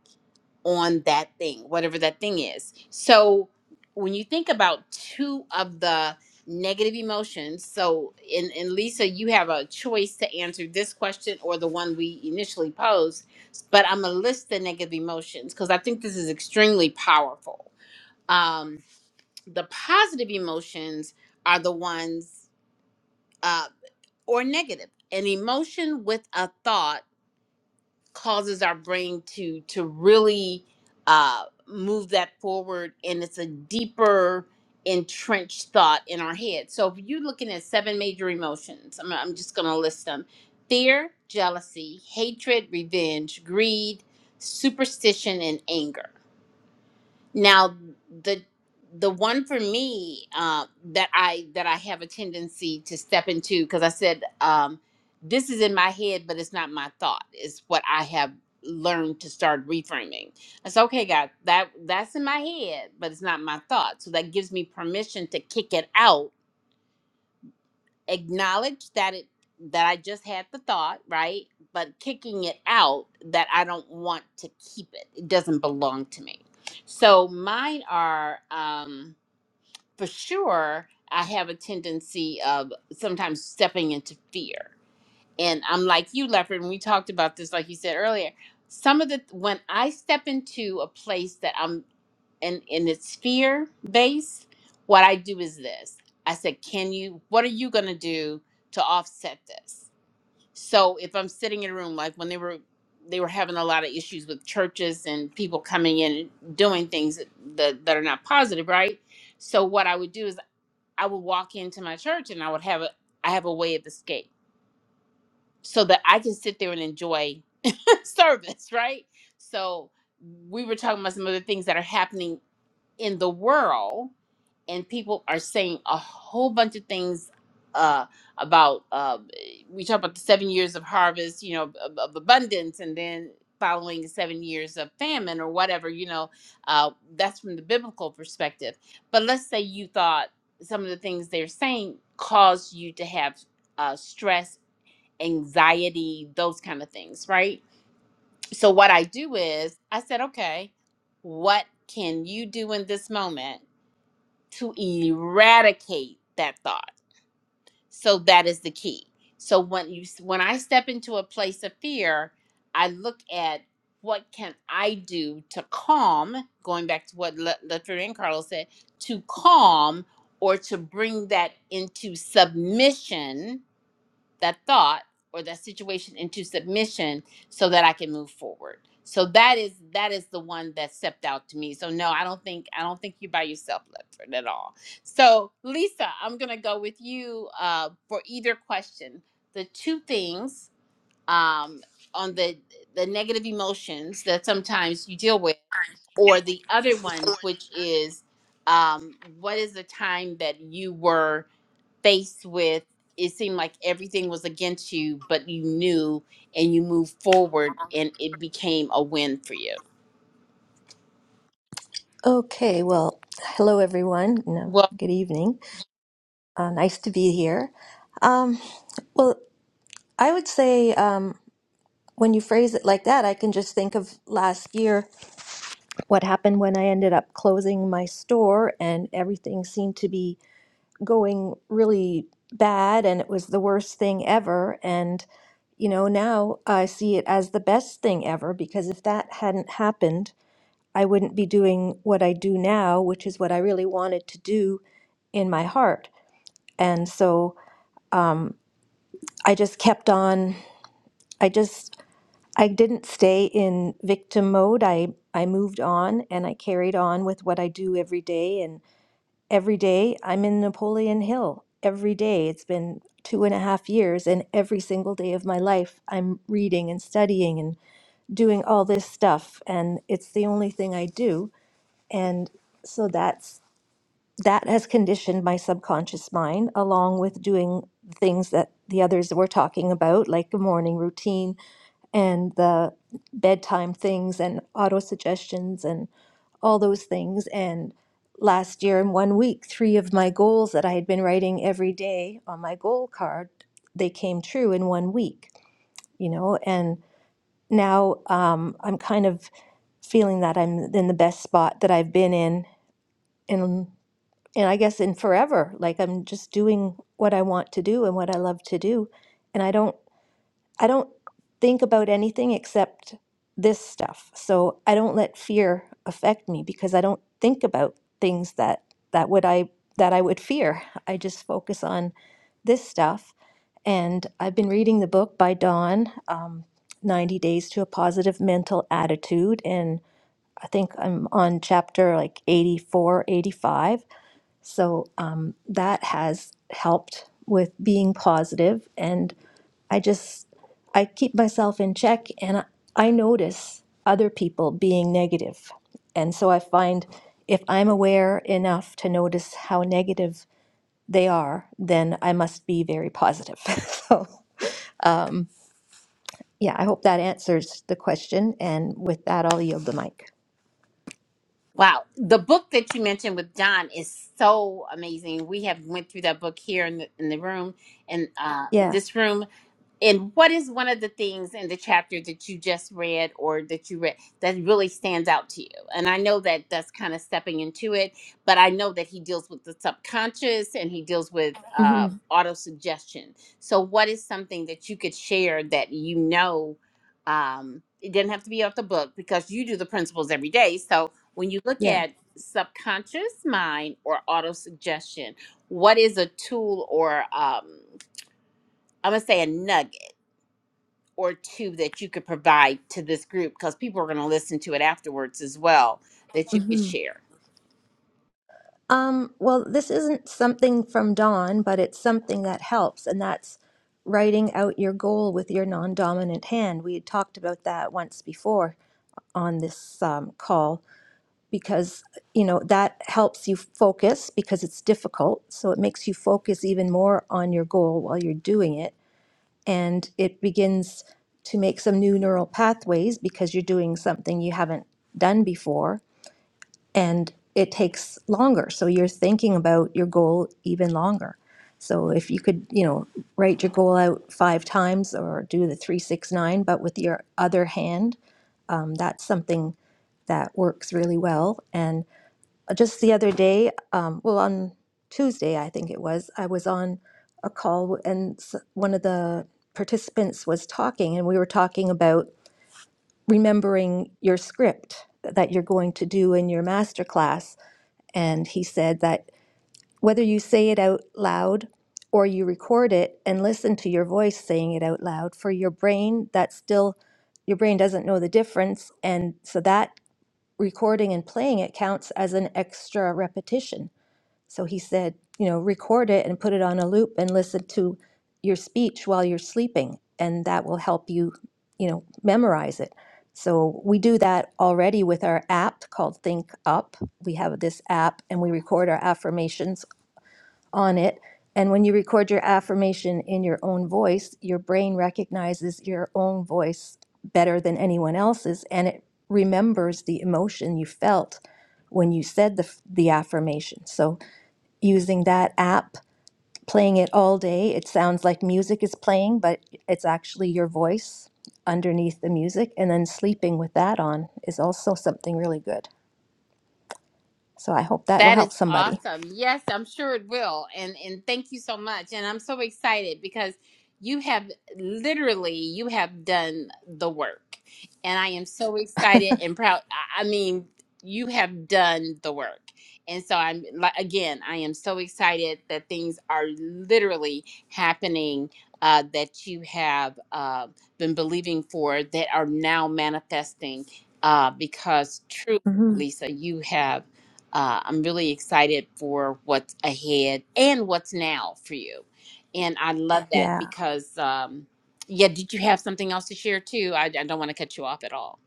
on that thing, whatever that thing is. So when you think about two of the negative emotions, so in in Lisa, you have a choice to answer this question or the one we initially posed, but I'm gonna list the negative emotions because I think this is extremely powerful. Um, the positive emotions are the ones uh, or negative. An emotion with a thought causes our brain to to really uh, move that forward and it's a deeper entrenched thought in our head so if you're looking at seven major emotions i'm, I'm just going to list them fear jealousy hatred revenge greed superstition and anger now the the one for me uh, that I that I have a tendency to step into because I said um, this is in my head, but it's not my thought. It's what I have learned to start reframing. I said, okay, God, that that's in my head, but it's not my thought. So that gives me permission to kick it out acknowledge that it that I just had the thought, right? But kicking it out that I don't want to keep it. It doesn't belong to me. So mine are um for sure I have a tendency of sometimes stepping into fear. And I'm like you, Leopard, and we talked about this like you said earlier. Some of the when I step into a place that I'm and and it's fear based what i do is this i said can you what are you going to do to offset this so if i'm sitting in a room like when they were they were having a lot of issues with churches and people coming in and doing things that, that are not positive right so what i would do is i would walk into my church and i would have a i have a way of escape so that i can sit there and enjoy service right so we were talking about some of the things that are happening in the world and people are saying a whole bunch of things uh, about uh, we talk about the seven years of harvest you know of, of abundance and then following the seven years of famine or whatever you know uh, that's from the biblical perspective but let's say you thought some of the things they're saying caused you to have uh, stress anxiety those kind of things right so what i do is i said okay what can you do in this moment to eradicate that thought. So that is the key. So when you when I step into a place of fear, I look at what can I do to calm, going back to what Le- Luther and Carlos said, to calm or to bring that into submission that thought or that situation into submission so that I can move forward. So that is that is the one that stepped out to me. So no, I don't think I don't think you're by yourself, Leopard, at all. So Lisa, I'm gonna go with you uh, for either question. The two things um, on the the negative emotions that sometimes you deal with, or the other one, which is um, what is the time that you were faced with it seemed like everything was against you but you knew and you moved forward and it became a win for you Okay, well, hello everyone. No, well good evening. Uh, nice to be here. Um, well, I would say um, when you phrase it like that, I can just think of last year what happened when I ended up closing my store and everything seemed to be going really bad and it was the worst thing ever. And, you know, now I see it as the best thing ever because if that hadn't happened, I wouldn't be doing what I do now, which is what I really wanted to do in my heart. And so um, I just kept on. I just I didn't stay in victim mode. I I moved on and I carried on with what I do every day. And every day I'm in Napoleon Hill. Every day it's been two and a half years, and every single day of my life I'm reading and studying and doing all this stuff. And it's the only thing I do. And so that's that has conditioned my subconscious mind along with doing things that the others were talking about like the morning routine and the bedtime things and auto suggestions and all those things and last year in one week three of my goals that i had been writing every day on my goal card they came true in one week you know and now um, i'm kind of feeling that i'm in the best spot that i've been in in and I guess in forever, like I'm just doing what I want to do and what I love to do, and I don't I don't think about anything except this stuff. So I don't let fear affect me because I don't think about things that that would I that I would fear. I just focus on this stuff, and I've been reading the book by Dawn, um, 90 Days to a Positive Mental Attitude, and I think I'm on chapter like 84, 85. So um, that has helped with being positive, and I just I keep myself in check, and I, I notice other people being negative, and so I find if I'm aware enough to notice how negative they are, then I must be very positive. so yeah, I hope that answers the question, and with that, I'll yield the mic. wow the book that you mentioned with john is so amazing we have went through that book here in the, in the room and uh, in Yeah. this room And what is one of the things in the chapter that you just read or that you read that really stands out to you? And I know that that's kind of stepping into it, but I know that he deals with the subconscious and he deals with uh, hmm auto suggestion. So, what is something that you could share that you know? Um, it doesn't have to be off the book because you do the principles every day. So, when you look Yeah. at subconscious mind or auto suggestion, what is a tool or um, I'm gonna say a nugget? or two that you could provide to this group because people are going to listen to it afterwards as well that you could Mm-hmm. share. Um, well, this isn't something from Dawn, but it's something that helps, and that's writing out your goal with your non-dominant hand. We had talked about that once before on this um, call because you know that helps you focus because it's difficult, so it makes you focus even more on your goal while you're doing it, and it begins to make some new neural pathways because you're doing something you haven't done before and it takes longer. So you're thinking about your goal even longer. So if you could, you know, write your goal out five times or do the three, six, nine, but with your other hand, um, that's something that works really well. And just the other day, um, well, on Tuesday, I think it was, I was on a call and s- one of the participants was talking, and we were talking about remembering your script that you're going to do in your masterclass and he said that whether you say it out loud or you record it and listen to your voice saying it out loud, for your brain, that still, your brain doesn't know the difference. And so that recording and playing it counts as an extra repetition. So he said, you know, record it and put it on a loop and listen to your speech while you're sleeping, and that will help you, you know, memorize it. So we do that already with our app called Think Up. We have this app and we record our affirmations on it. And when you record your affirmation in your own voice, your brain recognizes your own voice better than anyone else's and it remembers the emotion you felt when you said the, the affirmation. So using that app, playing it all day. It sounds like music is playing, but it's actually your voice underneath the music. And then sleeping with that on is also something really good. So I hope that will That help is somebody. awesome. Yes, I'm sure it will. And and thank you so much. And I'm so excited because you have literally you have done the work. And I am so excited and proud. I I mean, you have done the work. And so I'm like again, I am so excited that things are literally happening uh, that you have uh, been believing for that are now manifesting uh, because truly, hmm Lisa, you have. Uh, I'm really excited for what's ahead and what's now for you. And I love that Yeah. because, um, yeah, did you have something else to share too? I, I don't want to cut you off at all.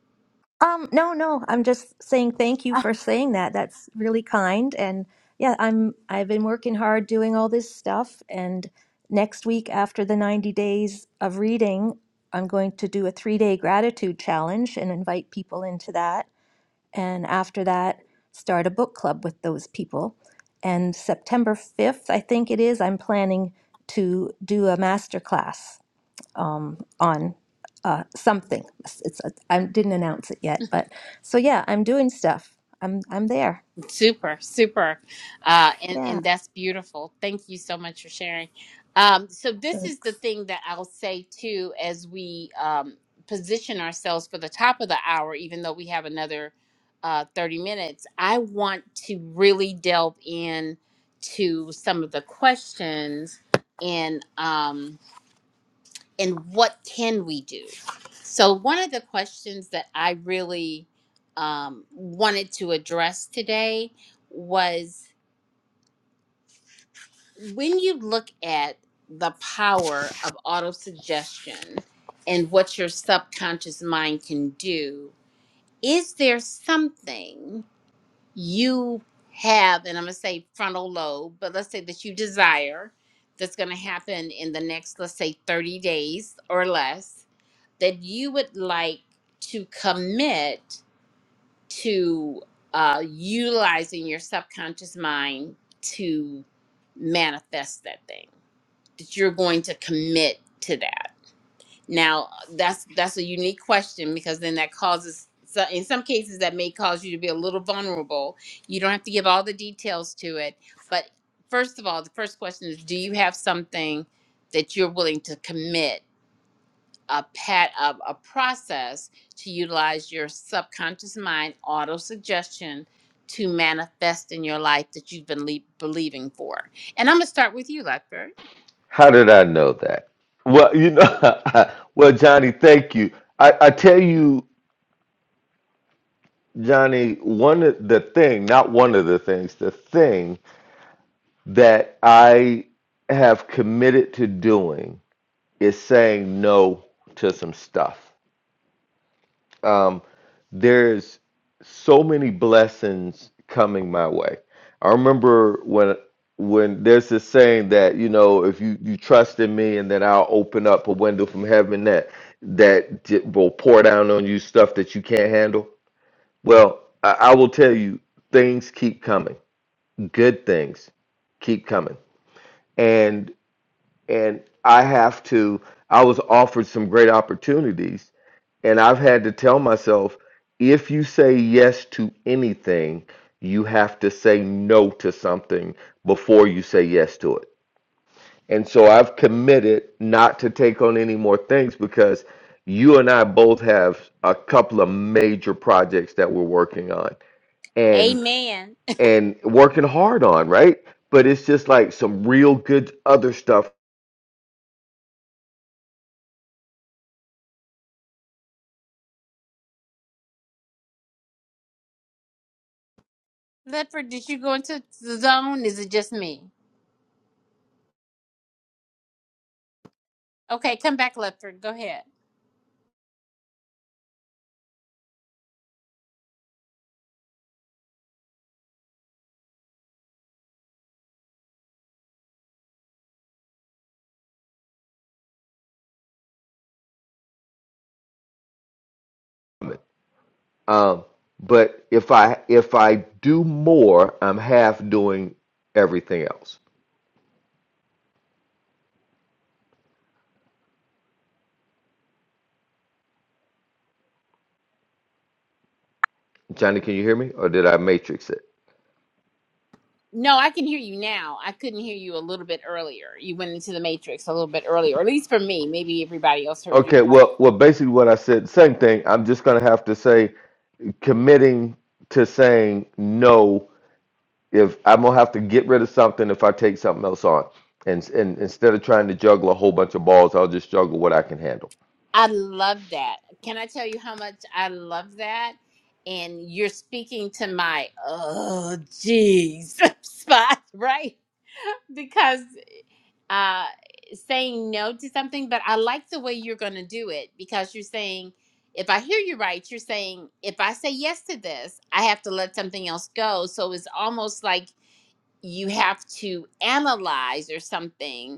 Um, no, no, I'm just saying thank you for saying that. That's really kind. And yeah, I'm I've been working hard doing all this stuff and next week after the 90 days of reading, I'm going to do a 3-day gratitude challenge and invite people into that and after that start a book club with those people and september 5th i think it is i'm planning to do a master class um, on uh, something it's, it's uh, i didn't announce it yet but so yeah i'm doing stuff i'm i'm there Super, super. Uh, and, yeah and that's beautiful. Thank you so much for sharing. Um, so, this is the thing that I'll say too as we um, position ourselves for the top of the hour, even though we have another uh, 30 minutes. I want to really delve in to some of the questions and. Um, and what can we do? So, one of the questions that I really um, wanted to address today was when you look at the power of autosuggestion and what your subconscious mind can do, is there something you have, and I'm going to say frontal lobe, but let's say that you desire that's going to happen in the next, let's say, 30 days or less? that you would like to commit to uh, utilizing your subconscious mind to manifest that thing that you're going to commit to that now that's that's a unique question because then that causes so in some cases that may cause you to be a little vulnerable you don't have to give all the details to it but first of all the first question is do you have something that you're willing to commit a pat of a process to utilize your subconscious mind auto suggestion to manifest in your life that you've been le- believing for. And I'm gonna start with you, Ledford. How did I know that? Well, you know, well, Johnny, thank you. I, I tell you, Johnny, one of the thing, not one of the things, the thing that I have committed to doing is saying no to some stuff. Um, there's so many blessings coming my way. I remember when when there's this saying that you know if you you trust in me and then I'll open up a window from heaven that that j- will pour down on you stuff that you can't handle. Well, I, I will tell you things keep coming. Good things keep coming. And and I have to I was offered some great opportunities and I've had to tell myself if you say yes to anything, you have to say no to something before you say yes to it. And so I've committed not to take on any more things because you and I both have a couple of major projects that we're working on and Amen. and working hard on, right? But it's just like some real good other stuff Ledford, did you go into the zone? Is it just me? Okay, come back, Ledford. Go ahead. Um, but if I if I do more, I'm half doing everything else. Johnny, can you hear me, or did I matrix it? No, I can hear you now. I couldn't hear you a little bit earlier. You went into the matrix a little bit earlier, or at least for me. Maybe everybody else heard you. Okay, well, well, basically what I said, same thing. I'm just gonna have to say committing to saying no if I'm gonna have to get rid of something if I take something else on, and and instead of trying to juggle a whole bunch of balls, I'll just juggle what I can handle. I love that. Can I tell you how much I love that? And you're speaking to my oh geez spot, right? Because uh saying no to something, but I like the way you're gonna do it because you're saying if I hear you right, you're saying if I say yes to this, I have to let something else go. So it's almost like you have to analyze or something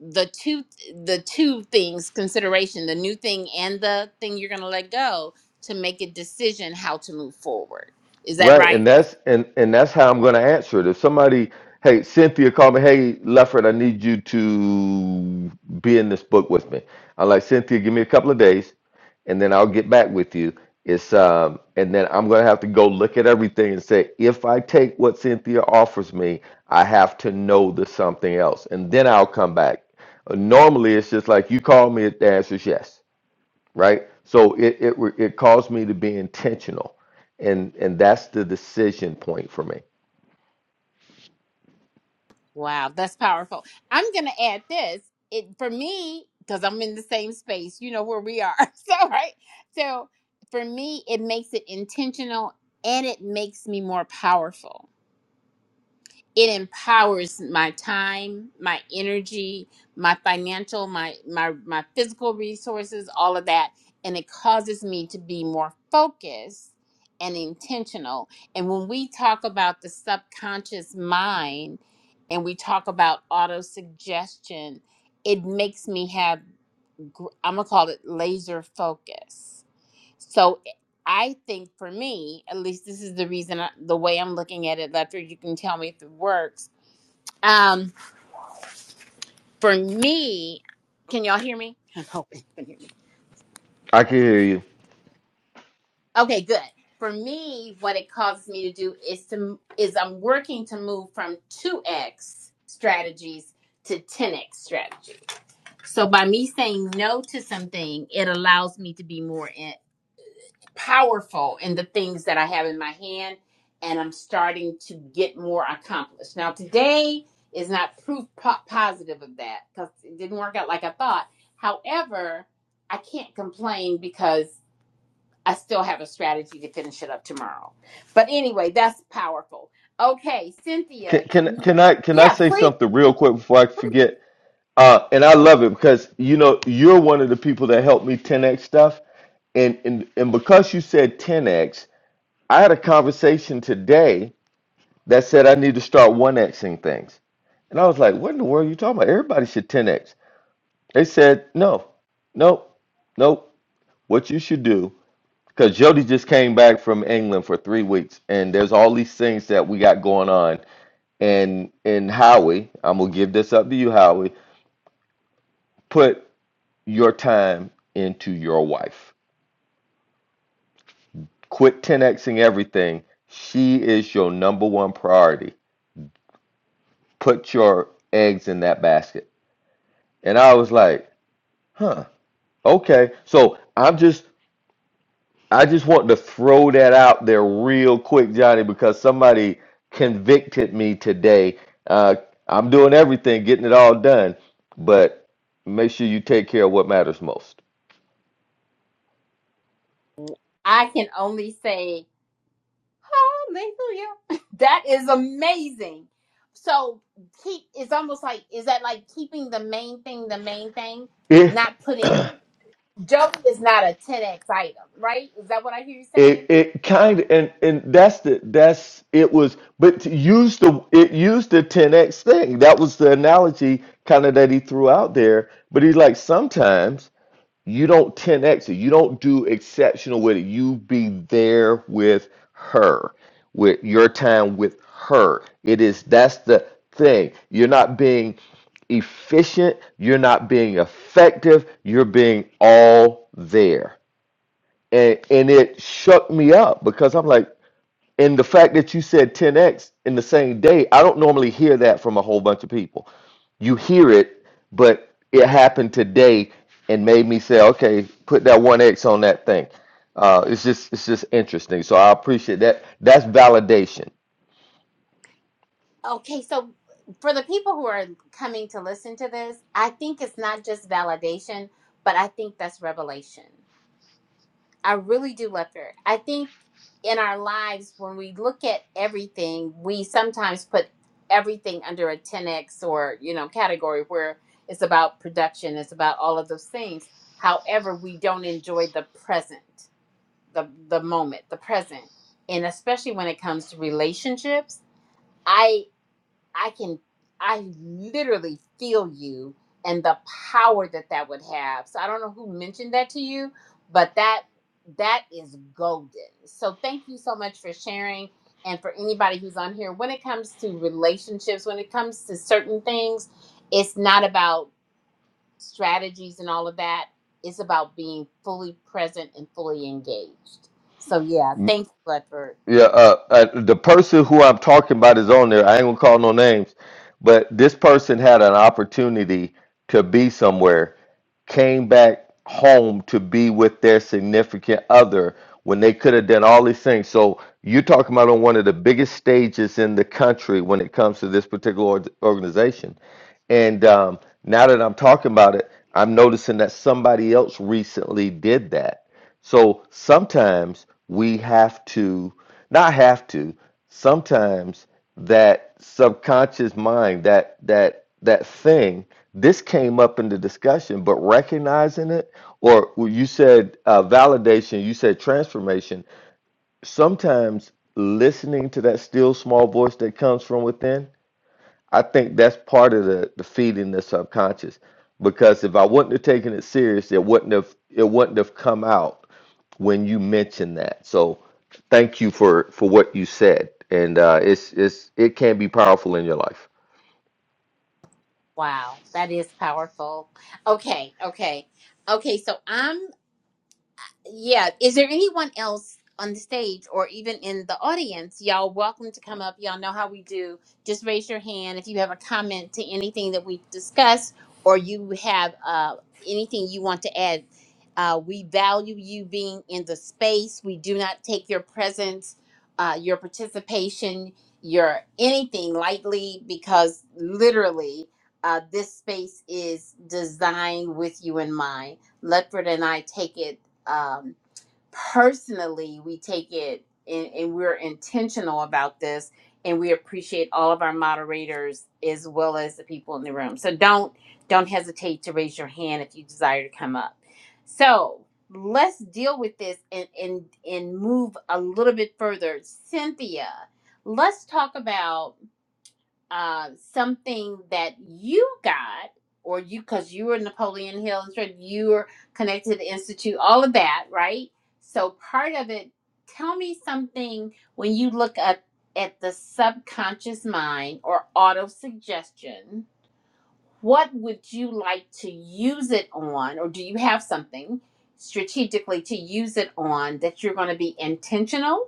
the two the two things consideration the new thing and the thing you're going to let go to make a decision how to move forward is that Right, right and that's and and that's how I'm going to answer it. If somebody, hey, Cynthia called me, hey, Lefford, I need you to be in this book with me. I'm like, Cynthia, give me a couple of days, and then I'll get back with you. It's um, and then I'm going to have to go look at everything and say, if I take what Cynthia offers me, I have to know the something else, and then I'll come back. Uh, Normally, it's just like you call me, the answer is yes right? So it it re- it caused me to be intentional, and and that's the decision point for me. wow that's powerful i'm going to add this it for me because i'm in the same space you know where we are so right so for me it makes it intentional and it makes me more powerful it empowers my time my energy my financial my my my physical resources all of that and it causes me to be more focused and intentional and when we talk about the subconscious mind and we talk about auto suggestion it makes me have gr- i'm going to call it laser focus so I think for me, at least this is the reason, I, the way I'm looking at it, Lester, you can tell me if it works um, for me, can y'all hear me? I'm hoping you can hear me. I can hear you. Okay, good. For me, what it causes me to do is to is I'm working to move from two X strategies to ten X strategies. So by me saying no to something, it allows me to be more in. powerful in the things that I have in my hand, and I'm starting to get more accomplished. Now, today is not proof po- positive of that because it didn't work out like I thought. However, I can't complain because I still have a strategy to finish it up tomorrow. But anyway, that's powerful. Okay, Cynthia. Can can can I can I Yeah, say please. something real quick before I forget? Uh, and I love it because you know you're one of the people that helped me 10x stuff, and and and because you said 10x, I had a conversation today that said I need to start 1xing things, and I was like, what in the world are you talking about? Everybody should 10x. They said no, nope, nope. What you should do Because Jody just came back from England for three weeks, and there's all these things that we got going on. And and Howie, I'm gonna give this up to you, Howie. Put your time into your wife. Quit 10xing everything. She is your number one priority. Put your eggs in that basket. And I was like, huh, okay. So I'm just I just want to throw that out there real quick, Johnny, because somebody convicted me today. Uh, I'm doing everything, getting it all done, but make sure you take care of what matters most. I can only say Hallelujah. That is amazing. So keep it's almost like is that like keeping the main thing the main thing, It not putting Joey is not a 10x item, right? Is that what I hear you it saying? it kind of and and that's the that's it was, but to use the it used the 10x thing. That was the analogy kind of that he threw out there. But he's like sometimes. You don't 10x it. You don't do exceptional with it. You be there with her, with your time with her. It is that's the thing. You're not being efficient, you're not being effective, you're being all there. And and it shook me up because I'm like, and the fact that you said 10x in the same day, I don't normally hear that from a whole bunch of people. You hear it, but it happened today and made me say, okay, put that 1x on that thing. Uh, it's just it's just interesting. So I appreciate that. That's validation. Okay, so for the people who are coming to listen to this, I think it's not just validation, but I think that's revelation. I really do love her. I think in our lives, when we look at everything, we sometimes put everything under a 10x or you know category where it's about production, it's about all of those things. However, we don't enjoy the present, the the moment, the present, and especially when it comes to relationships. I I can, I literally feel you and the power that that would have. So I don't know who mentioned that to you, but that that is golden. So thank you so much for sharing. And for anybody who's on here, when it comes to relationships, when it comes to certain things, it's not about strategies and all of that. It's about being fully present and fully engaged. So yeah, thank you, Ledford. Yeah, uh, uh, the person who I'm talking about is on there. I ain't gonna call no names, but this person had an opportunity to be somewhere, came back home to be with their significant other when they could have done all these things. So you're talking about on one of the biggest stages in the country when it comes to this particular org- organization. And um, now that I'm talking about it, I'm noticing that somebody else recently did that. So sometimes we have to, not have to, sometimes that subconscious mind, that that that thing, this came up in the discussion, but recognizing it, or well, you said uh, validation, you said transformation. Sometimes listening to that still small voice that comes from within I think that's part of the, the feeding the subconscious. Because if I wouldn't have taken it serious, it wouldn't have it wouldn't have come out when you mentioned that. So thank you for for what you said. And uh, it's it's it can be powerful in your life. Wow, that is powerful. Okay, okay. Okay, so I'm yeah. Is there anyone else on the stage or even in the audience? Y'all welcome to come up. Y'all know how we do. Just raise your hand if you have a comment to anything that we discussed or you have uh, anything you want to add. Uh, we value you being in the space. We do not take your presence, uh, your participation, your anything lightly because literally uh, this space is designed with you in mind. Ledford and I take it um, personally we take it and, and we're intentional about this and we appreciate all of our moderators as well as the people in the room so don't don't hesitate to raise your hand if you desire to come up so let's deal with this and and and move a little bit further cynthia let's talk about uh, something that you got, or you, because you were Napoleon Hill, and you were connected to the Institute, all of that, right? So part of it, tell me something when you look at, at the subconscious mind or auto suggestion, what would you like to use it on, or do you have something strategically to use it on that you're going to be intentional?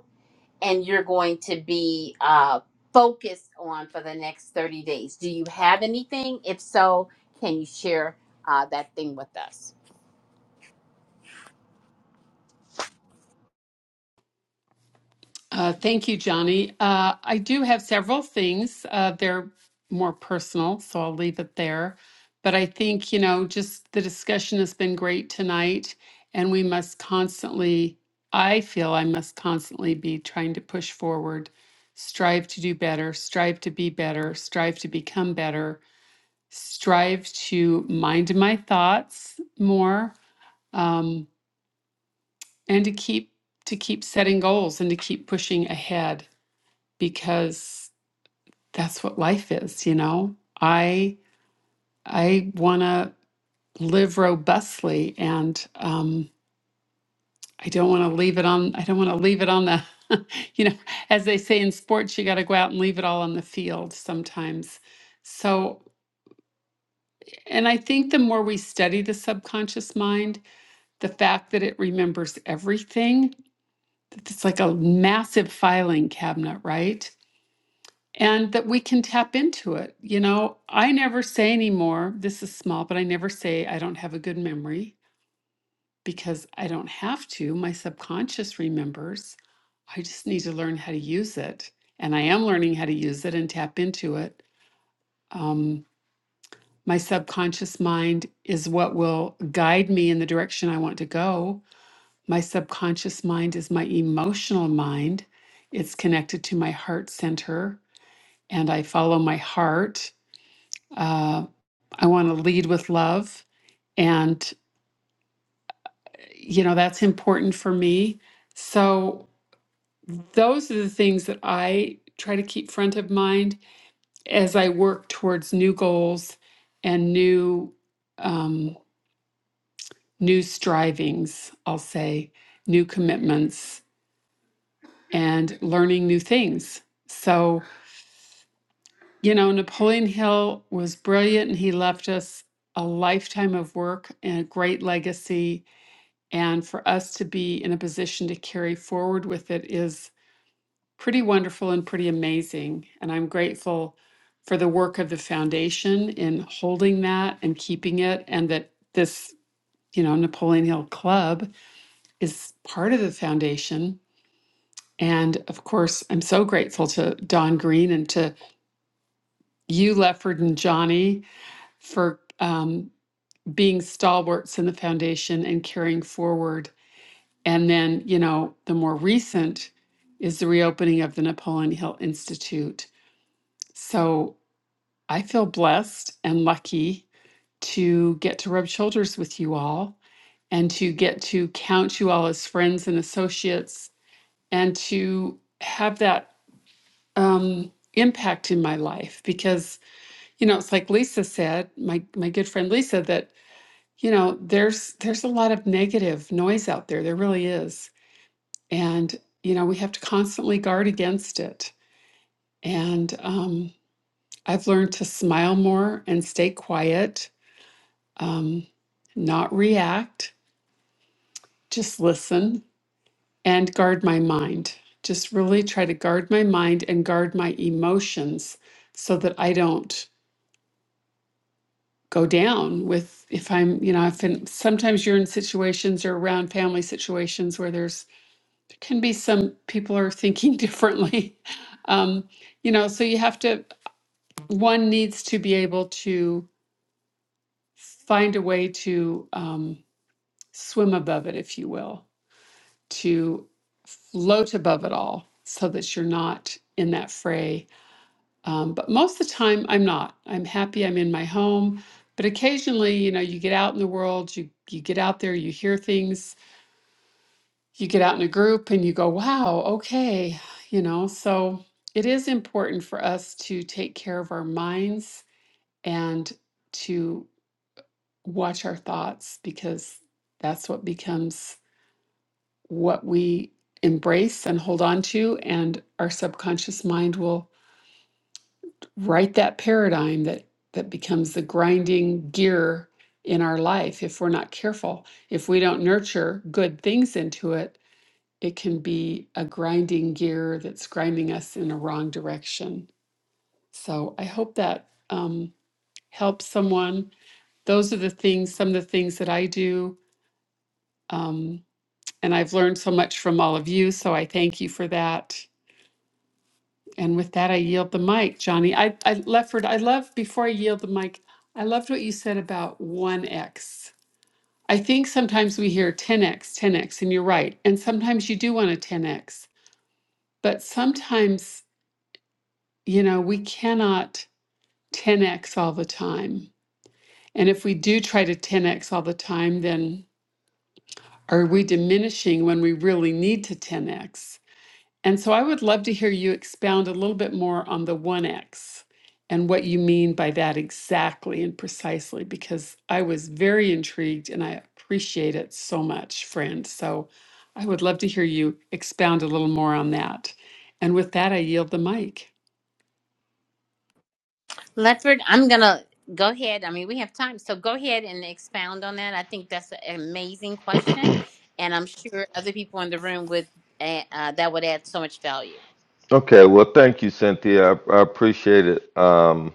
and you're going to be uh, focused on for the next 30 days. Do you have anything? If so, can you share uh, that thing with us? Uh, thank you, Johnny. Uh, I do have several things. Uh, they're more personal, so I'll leave it there. But I think, you know, just the discussion has been great tonight, and we must constantly, I feel I must constantly be trying to push forward, strive to do better, strive to be better, strive to become better, strive to mind my thoughts more, um, and to keep to keep setting goals and to keep pushing ahead because that's what life is, you know. I I want to live robustly, and um, I don't want to leave it on. I don't want to leave it on the, you know, as they say in sports, you got to go out and leave it all on the field sometimes. So, and I think the more we study the subconscious mind, the fact that it remembers everything, that it's like a massive filing cabinet, right? and that we can tap into it. You know, I never say anymore, this is small, but I never say I don't have a good memory because I don't have to. My subconscious remembers. I just need to learn how to use it. And I am learning how to use it and tap into it. Um, my subconscious mind is what will guide me in the direction I want to go. My subconscious mind is my emotional mind. It's connected to my heart center, and I follow my heart Uh, I want to lead with love. And, you know, that's important for me. So, those are the things that I try to keep front of mind as I work towards new goals and new, um, new strivings, I'll say, new commitments and learning new things. So, you know, Napoleon Hill was brilliant and he left us a lifetime of work and a great legacy And for us to be in a position to carry forward with it is pretty wonderful and pretty amazing. And I'm grateful for the work of the foundation in holding that and keeping it, and that this, you know, Napoleon Hill Club is part of the foundation. And of course, I'm so grateful to Don Green and to you, Lefford and Johnny, for um, being stalwarts in the foundation and carrying forward And then, you know, the more recent is the reopening of the Napoleon Hill Institute. So I feel blessed and lucky to get to rub shoulders with you all and to get to count you all as friends and associates and to have that um, impact in my life because you know it's like lisa said my my good friend lisa that you know there's there's a lot of negative noise out there there really is And, you know, we have to constantly guard against it. And um, I've learned to smile more and stay quiet, um, not react, just listen and guard my mind. Just really try to guard my mind and guard my emotions so that I don't go down with if i'm you know i've been sometimes you're in situations or around family situations where there's there can be some people are thinking differently um you know so you have to one needs to be able to find a way to um, swim above it, if you will, to float above it all so that you're not in that fray. Um, but most of the time, I'm not. I'm happy I'm in my home. But occasionally, you know, you get out in the world, you, you get out there, you hear things, you get out in a group and you go, wow, okay, you know, so it is important for us to take care of our minds and to watch our thoughts because that's what becomes what we embrace and hold on to and our subconscious mind will write that paradigm that that becomes the grinding gear in our life if we're not careful if we don't nurture good things into it it can be a grinding gear that's grinding us in a wrong direction so i hope that um, helps someone those are the things some of the things that i do Um, And I've learned so much from all of you, so I thank you for that. And with that, I yield the mic, Johnny. I, I Lefford, I love, before I yield the mic, I loved what you said about 1x. I think sometimes we hear 10x, 10x, and you're right. And sometimes you do want a 10x, but sometimes, you know, we cannot 10x all the time. And if we do try to 10x all the time, then are we diminishing when we really need to 10x? And so I would love to hear you expound a little bit more on the 1X and what you mean by that exactly and precisely, because I was very intrigued and I appreciate it so much, friend. So I would love to hear you expound a little more on that. And with that, I yield the mic. Lefford, I'm going to go ahead. I mean, we have time. So go ahead and expound on that. I think that's an amazing question. And I'm sure other people in the room would, uh, uh, that would add so much value. Okay, well thank you, Cynthia. I, I appreciate it. Um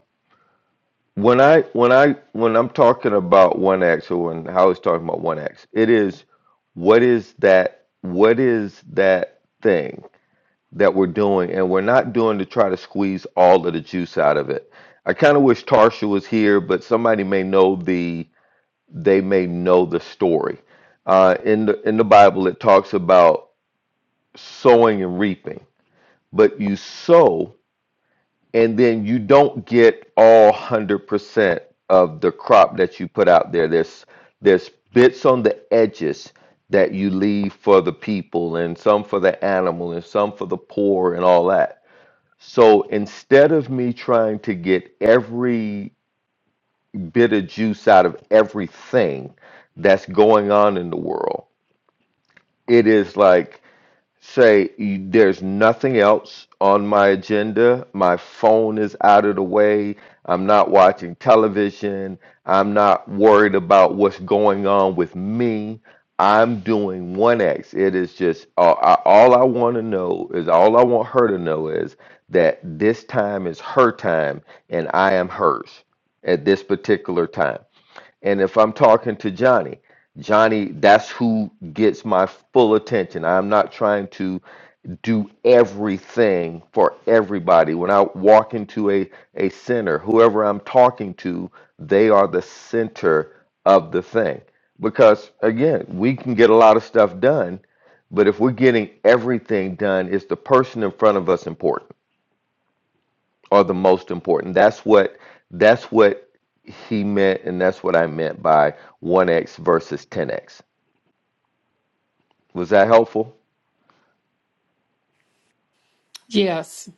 when I when I when I'm talking about one X or when how it's talking about one X, it is what is that what is that thing? that we're doing, and we're not doing to try to squeeze all of the juice out of it. I kind of wish Tarsha was here, but somebody may know the they may know the story. Uh, in the in the Bible, it talks about sowing and reaping, but you sow and then you don't get all hundred percent of the crop that you put out there. There's there's bits on the edges that you leave for the people, and some for the animal, and some for the poor, and all that so instead of me trying to get every bit of juice out of everything that's going on in the world, it is like Say, there's nothing else on my agenda. My phone is out of the way. I'm not watching television. I'm not worried about what's going on with me. I'm doing 1X. It is just uh, I, all I want to know is all I want her to know is that this time is her time and I am hers at this particular time. And if I'm talking to Johnny, Johnny, that's who gets my full attention. I'm not trying to do everything for everybody. When I walk into a, a center, whoever I'm talking to, they are the center of the thing. Because again, we can get a lot of stuff done, but if we're getting everything done, is the person in front of us important? are the most important. That's what that's what he meant, and that's what I meant by one x versus ten x. Was that helpful? Yes,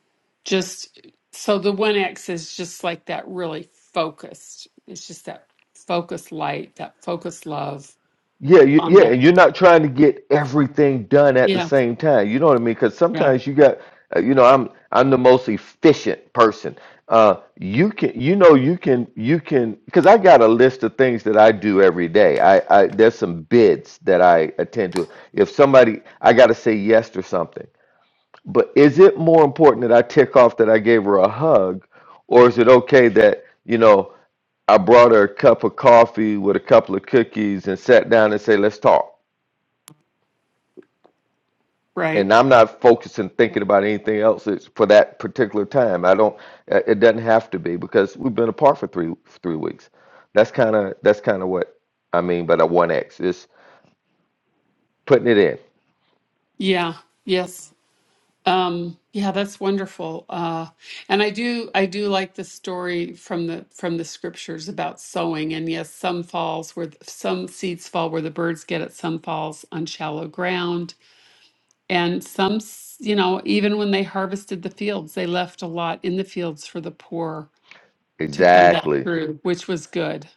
just so the 1X is just like that really focused, it's just that focused light, that focused love Yeah, you, on yeah. that. And you're not trying to get everything done at the Yeah, same time. You know what I mean? Because yeah, sometimes you got, uh, you know, I'm I'm the most efficient person. Uh, you can, you know, you can, you can, because I got a list of things that I do every day. I, I there's some bids that I attend to. If somebody, I got to say yes to something But is it more important that I tick off that I gave her a hug, or is it okay that you know I brought her a cup of coffee with a couple of cookies and sat down and say let's talk? right. And I'm not focusing thinking about anything else it's for that particular time. I don't. uh, It doesn't have to be because we've been apart for three three weeks. That's kind of that's kind of what I mean by the one X. It's putting it in Yeah, yes. Um, yeah, that's wonderful. Uh, and I do I do like the story from the from the scriptures about sowing. And yes, some falls where th- some seeds fall where the birds get it, some falls on shallow ground. And some, s- you know, even when they harvested the fields, they left a lot in the fields for the poor to come back exactly. through, which was good,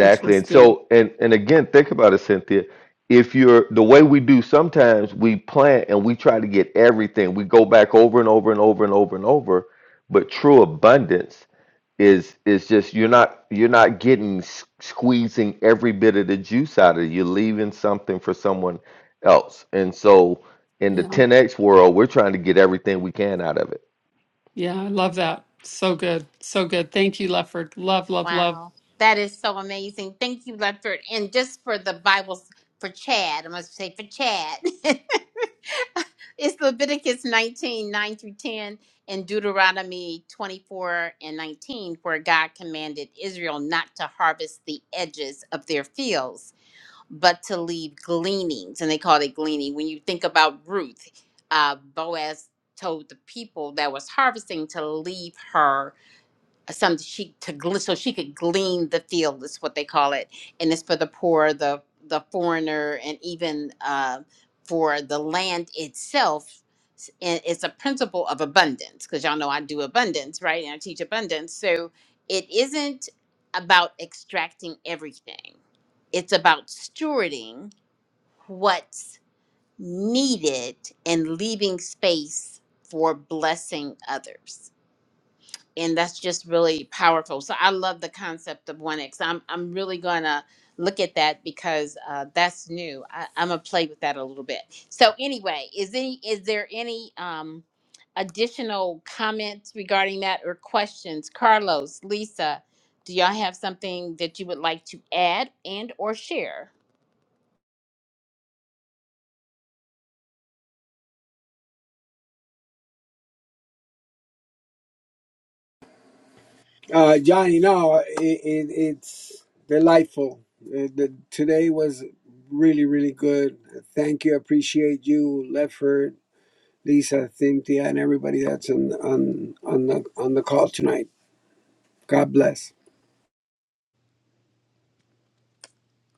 which was And good. so and and again, think about it, Cynthia. If you're the way we do sometimes we plant and we try to get everything. We go back over and over and over and over and over, but true abundance is is just you're not you're not getting s- squeezing every bit of the juice out of it. You're leaving something for someone else. And so in the Yeah. 10x world, we're trying to get everything we can out of it. Yeah, I love that. So good. So good. Thank you, Lefford. Love, love, love. Wow, that is so amazing. Thank you, Lefford. And just for the Bibles for Chad, I must say for Chad, it's Leviticus 19 9 through 10 and Deuteronomy 24 and 19, where God commanded Israel not to harvest the edges of their fields, but to leave gleanings. And they called it gleaning. When you think about Ruth, uh, Boaz told the people that was harvesting to leave her some she to gl- so she could glean the field is what they call it and it's for the poor the the foreigner and even uh, for the land itself S- and it's a principle of abundance because y'all know i do abundance right and i teach abundance so it isn't about extracting everything it's about stewarding what's needed and leaving space for blessing others and that's just really powerful. So I love the concept of one X. I'm I'm really gonna look at that because uh, that's new. I, I'm gonna play with that a little bit. So anyway, is any is there any um, additional comments regarding that or questions? Carlos, Lisa, do y'all have something that you would like to add and or share? Uh, Johnny, no, it, it, it's delightful. Uh, the, today was really really good. Thank you, appreciate you, Lefford, Lisa, Cynthia, and everybody that's on on on the on the call tonight. God bless.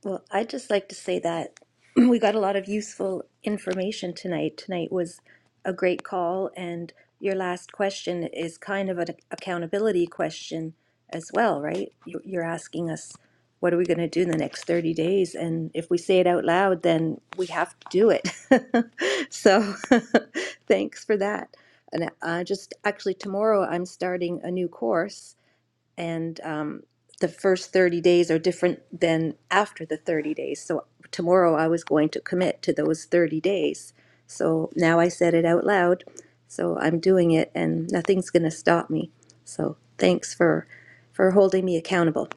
Well, I'd just like to say that we got a lot of useful information tonight. Tonight was a great call, and your last question is kind of an accountability question as well, right? You- You're asking us, what are we going to do in the next 30 days? And if we say it out loud, then we have to do it. so thanks for that. And I just actually, tomorrow I'm starting a new course and um, the first 30 days are different than after the 30 days. So tomorrow I was going to commit to those 30 days. So now I said it out loud. So I'm doing it and nothing's going to stop me. So thanks for for holding me accountable.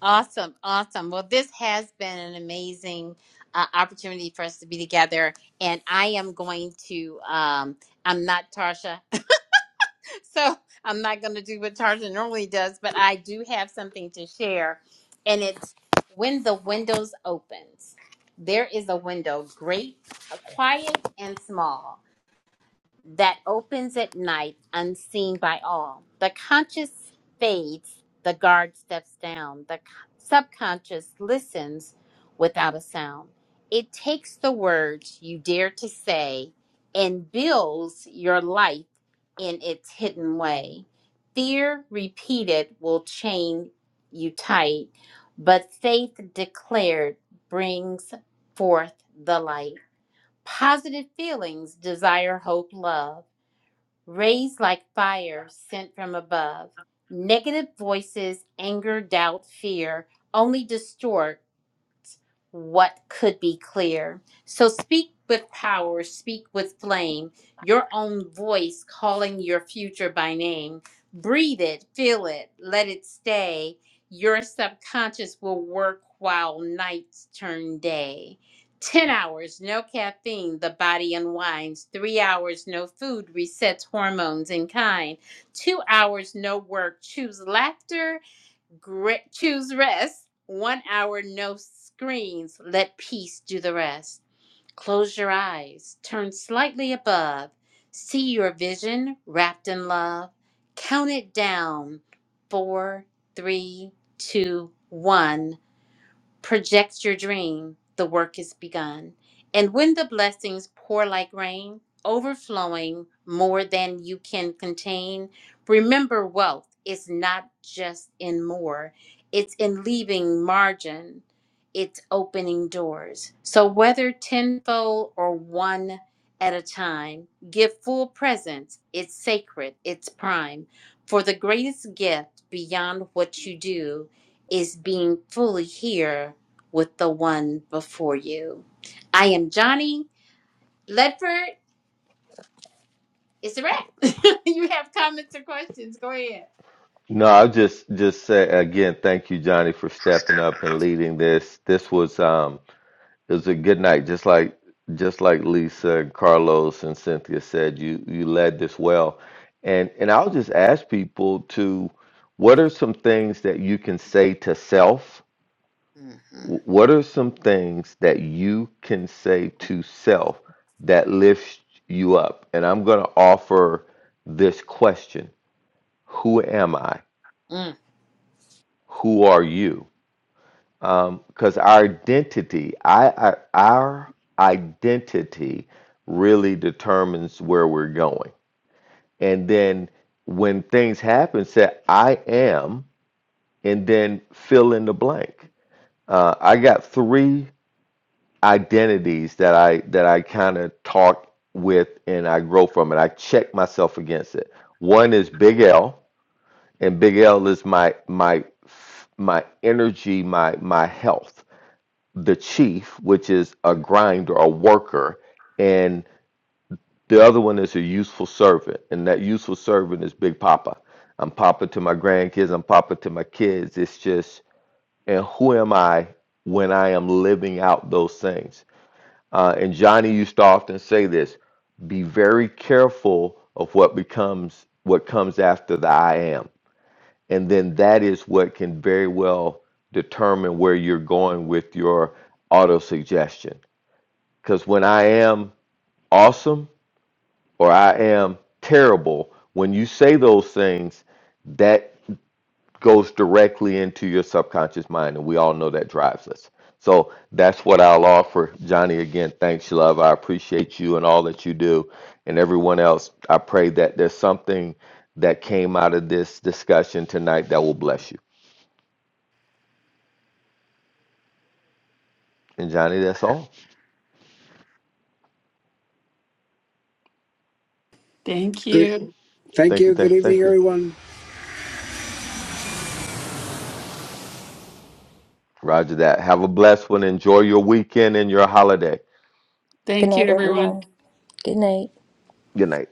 Awesome, awesome. Well, this has been an amazing uh, opportunity for us to be together, and I am going to. Um, I'm not Tarsha, so I'm not going to do what Tarsha normally does, but I do have something to share, and it's when the windows opens. There is a window, great, uh, quiet, and small that opens at night unseen by all. The conscious fades, the guard steps down, the subconscious listens without a sound. It takes the words you dare to say and builds your life in its hidden way. Fear repeated will chain you tight, but faith declared brings forth the light. Positive feelings desire hope, love raised like fire sent from above. Negative voices, anger, doubt, fear only distort what could be clear. So speak with power, speak with flame, your own voice calling your future by name. Breathe it, feel it, let it stay. Your subconscious will work while nights turn day. 10 hours, no caffeine, the body unwinds. Three hours, no food, resets hormones in kind. Two hours, no work, choose laughter Great. Choose rest. One hour, no screens. Let peace do the rest. Close your eyes. Turn slightly above. See your vision wrapped in love. Count it down. Four, three, two, one. Project your dream, the work is begun. And when the blessings pour like rain, overflowing more than you can contain, remember wealth is not just in more, it's in leaving margin, it's opening doors. So whether tenfold or one at a time, give full presence, it's sacred, it's prime. For the greatest gift beyond what you do is being fully here with the one before you. I am Johnny Ledford. It's a wrap. you have comments or questions? Go ahead. No, I'll just just say again, thank you, Johnny, for stepping Step. up and leading this. This was um It was a good night, just like just like Lisa and Carlos and Cynthia said, you you led this well. And and I'll just ask people to what are some things that you can say to self? Mhm. Wh- What are some things that you can say to self that lifts you up? And I'm going to offer this question. Who am I? Who are you? because our identity, I, I, our identity really determines where we're going. And then when things happen, say, I am, and then fill in the blank. Uh, I got three identities that I that I kind of talk with and I grow from it. I check myself against it. One is Big L, and Big L is my my my energy, my my health. the chief, which is a grinder, a worker, and the other one is a useful servant, and that useful servant is Big Papa. I'm Papa to my grandkids, I'm Papa to my kids. It's just, and who am I when I am living out those things? Uh, and Johnny used to often say this: be very careful of what becomes what comes after the I am, and then that is what can very well determine where you're going with your auto suggestion because when I am awesome or I am terrible, when you say those things, that goes directly into your subconscious mind. And we all know that drives us. So that's what I'll offer. Johnny, again, thanks, love. I appreciate you and all that you do. And everyone else, I pray that there's something that came out of this discussion tonight that will bless you. And Johnny, that's all. Thank Good. you. Thank Thank you. you, Good thank you, evening, thank you. everyone. Roger that. Have a blessed one. Enjoy your weekend and your holiday. Thank you, everyone. Good night. Good night.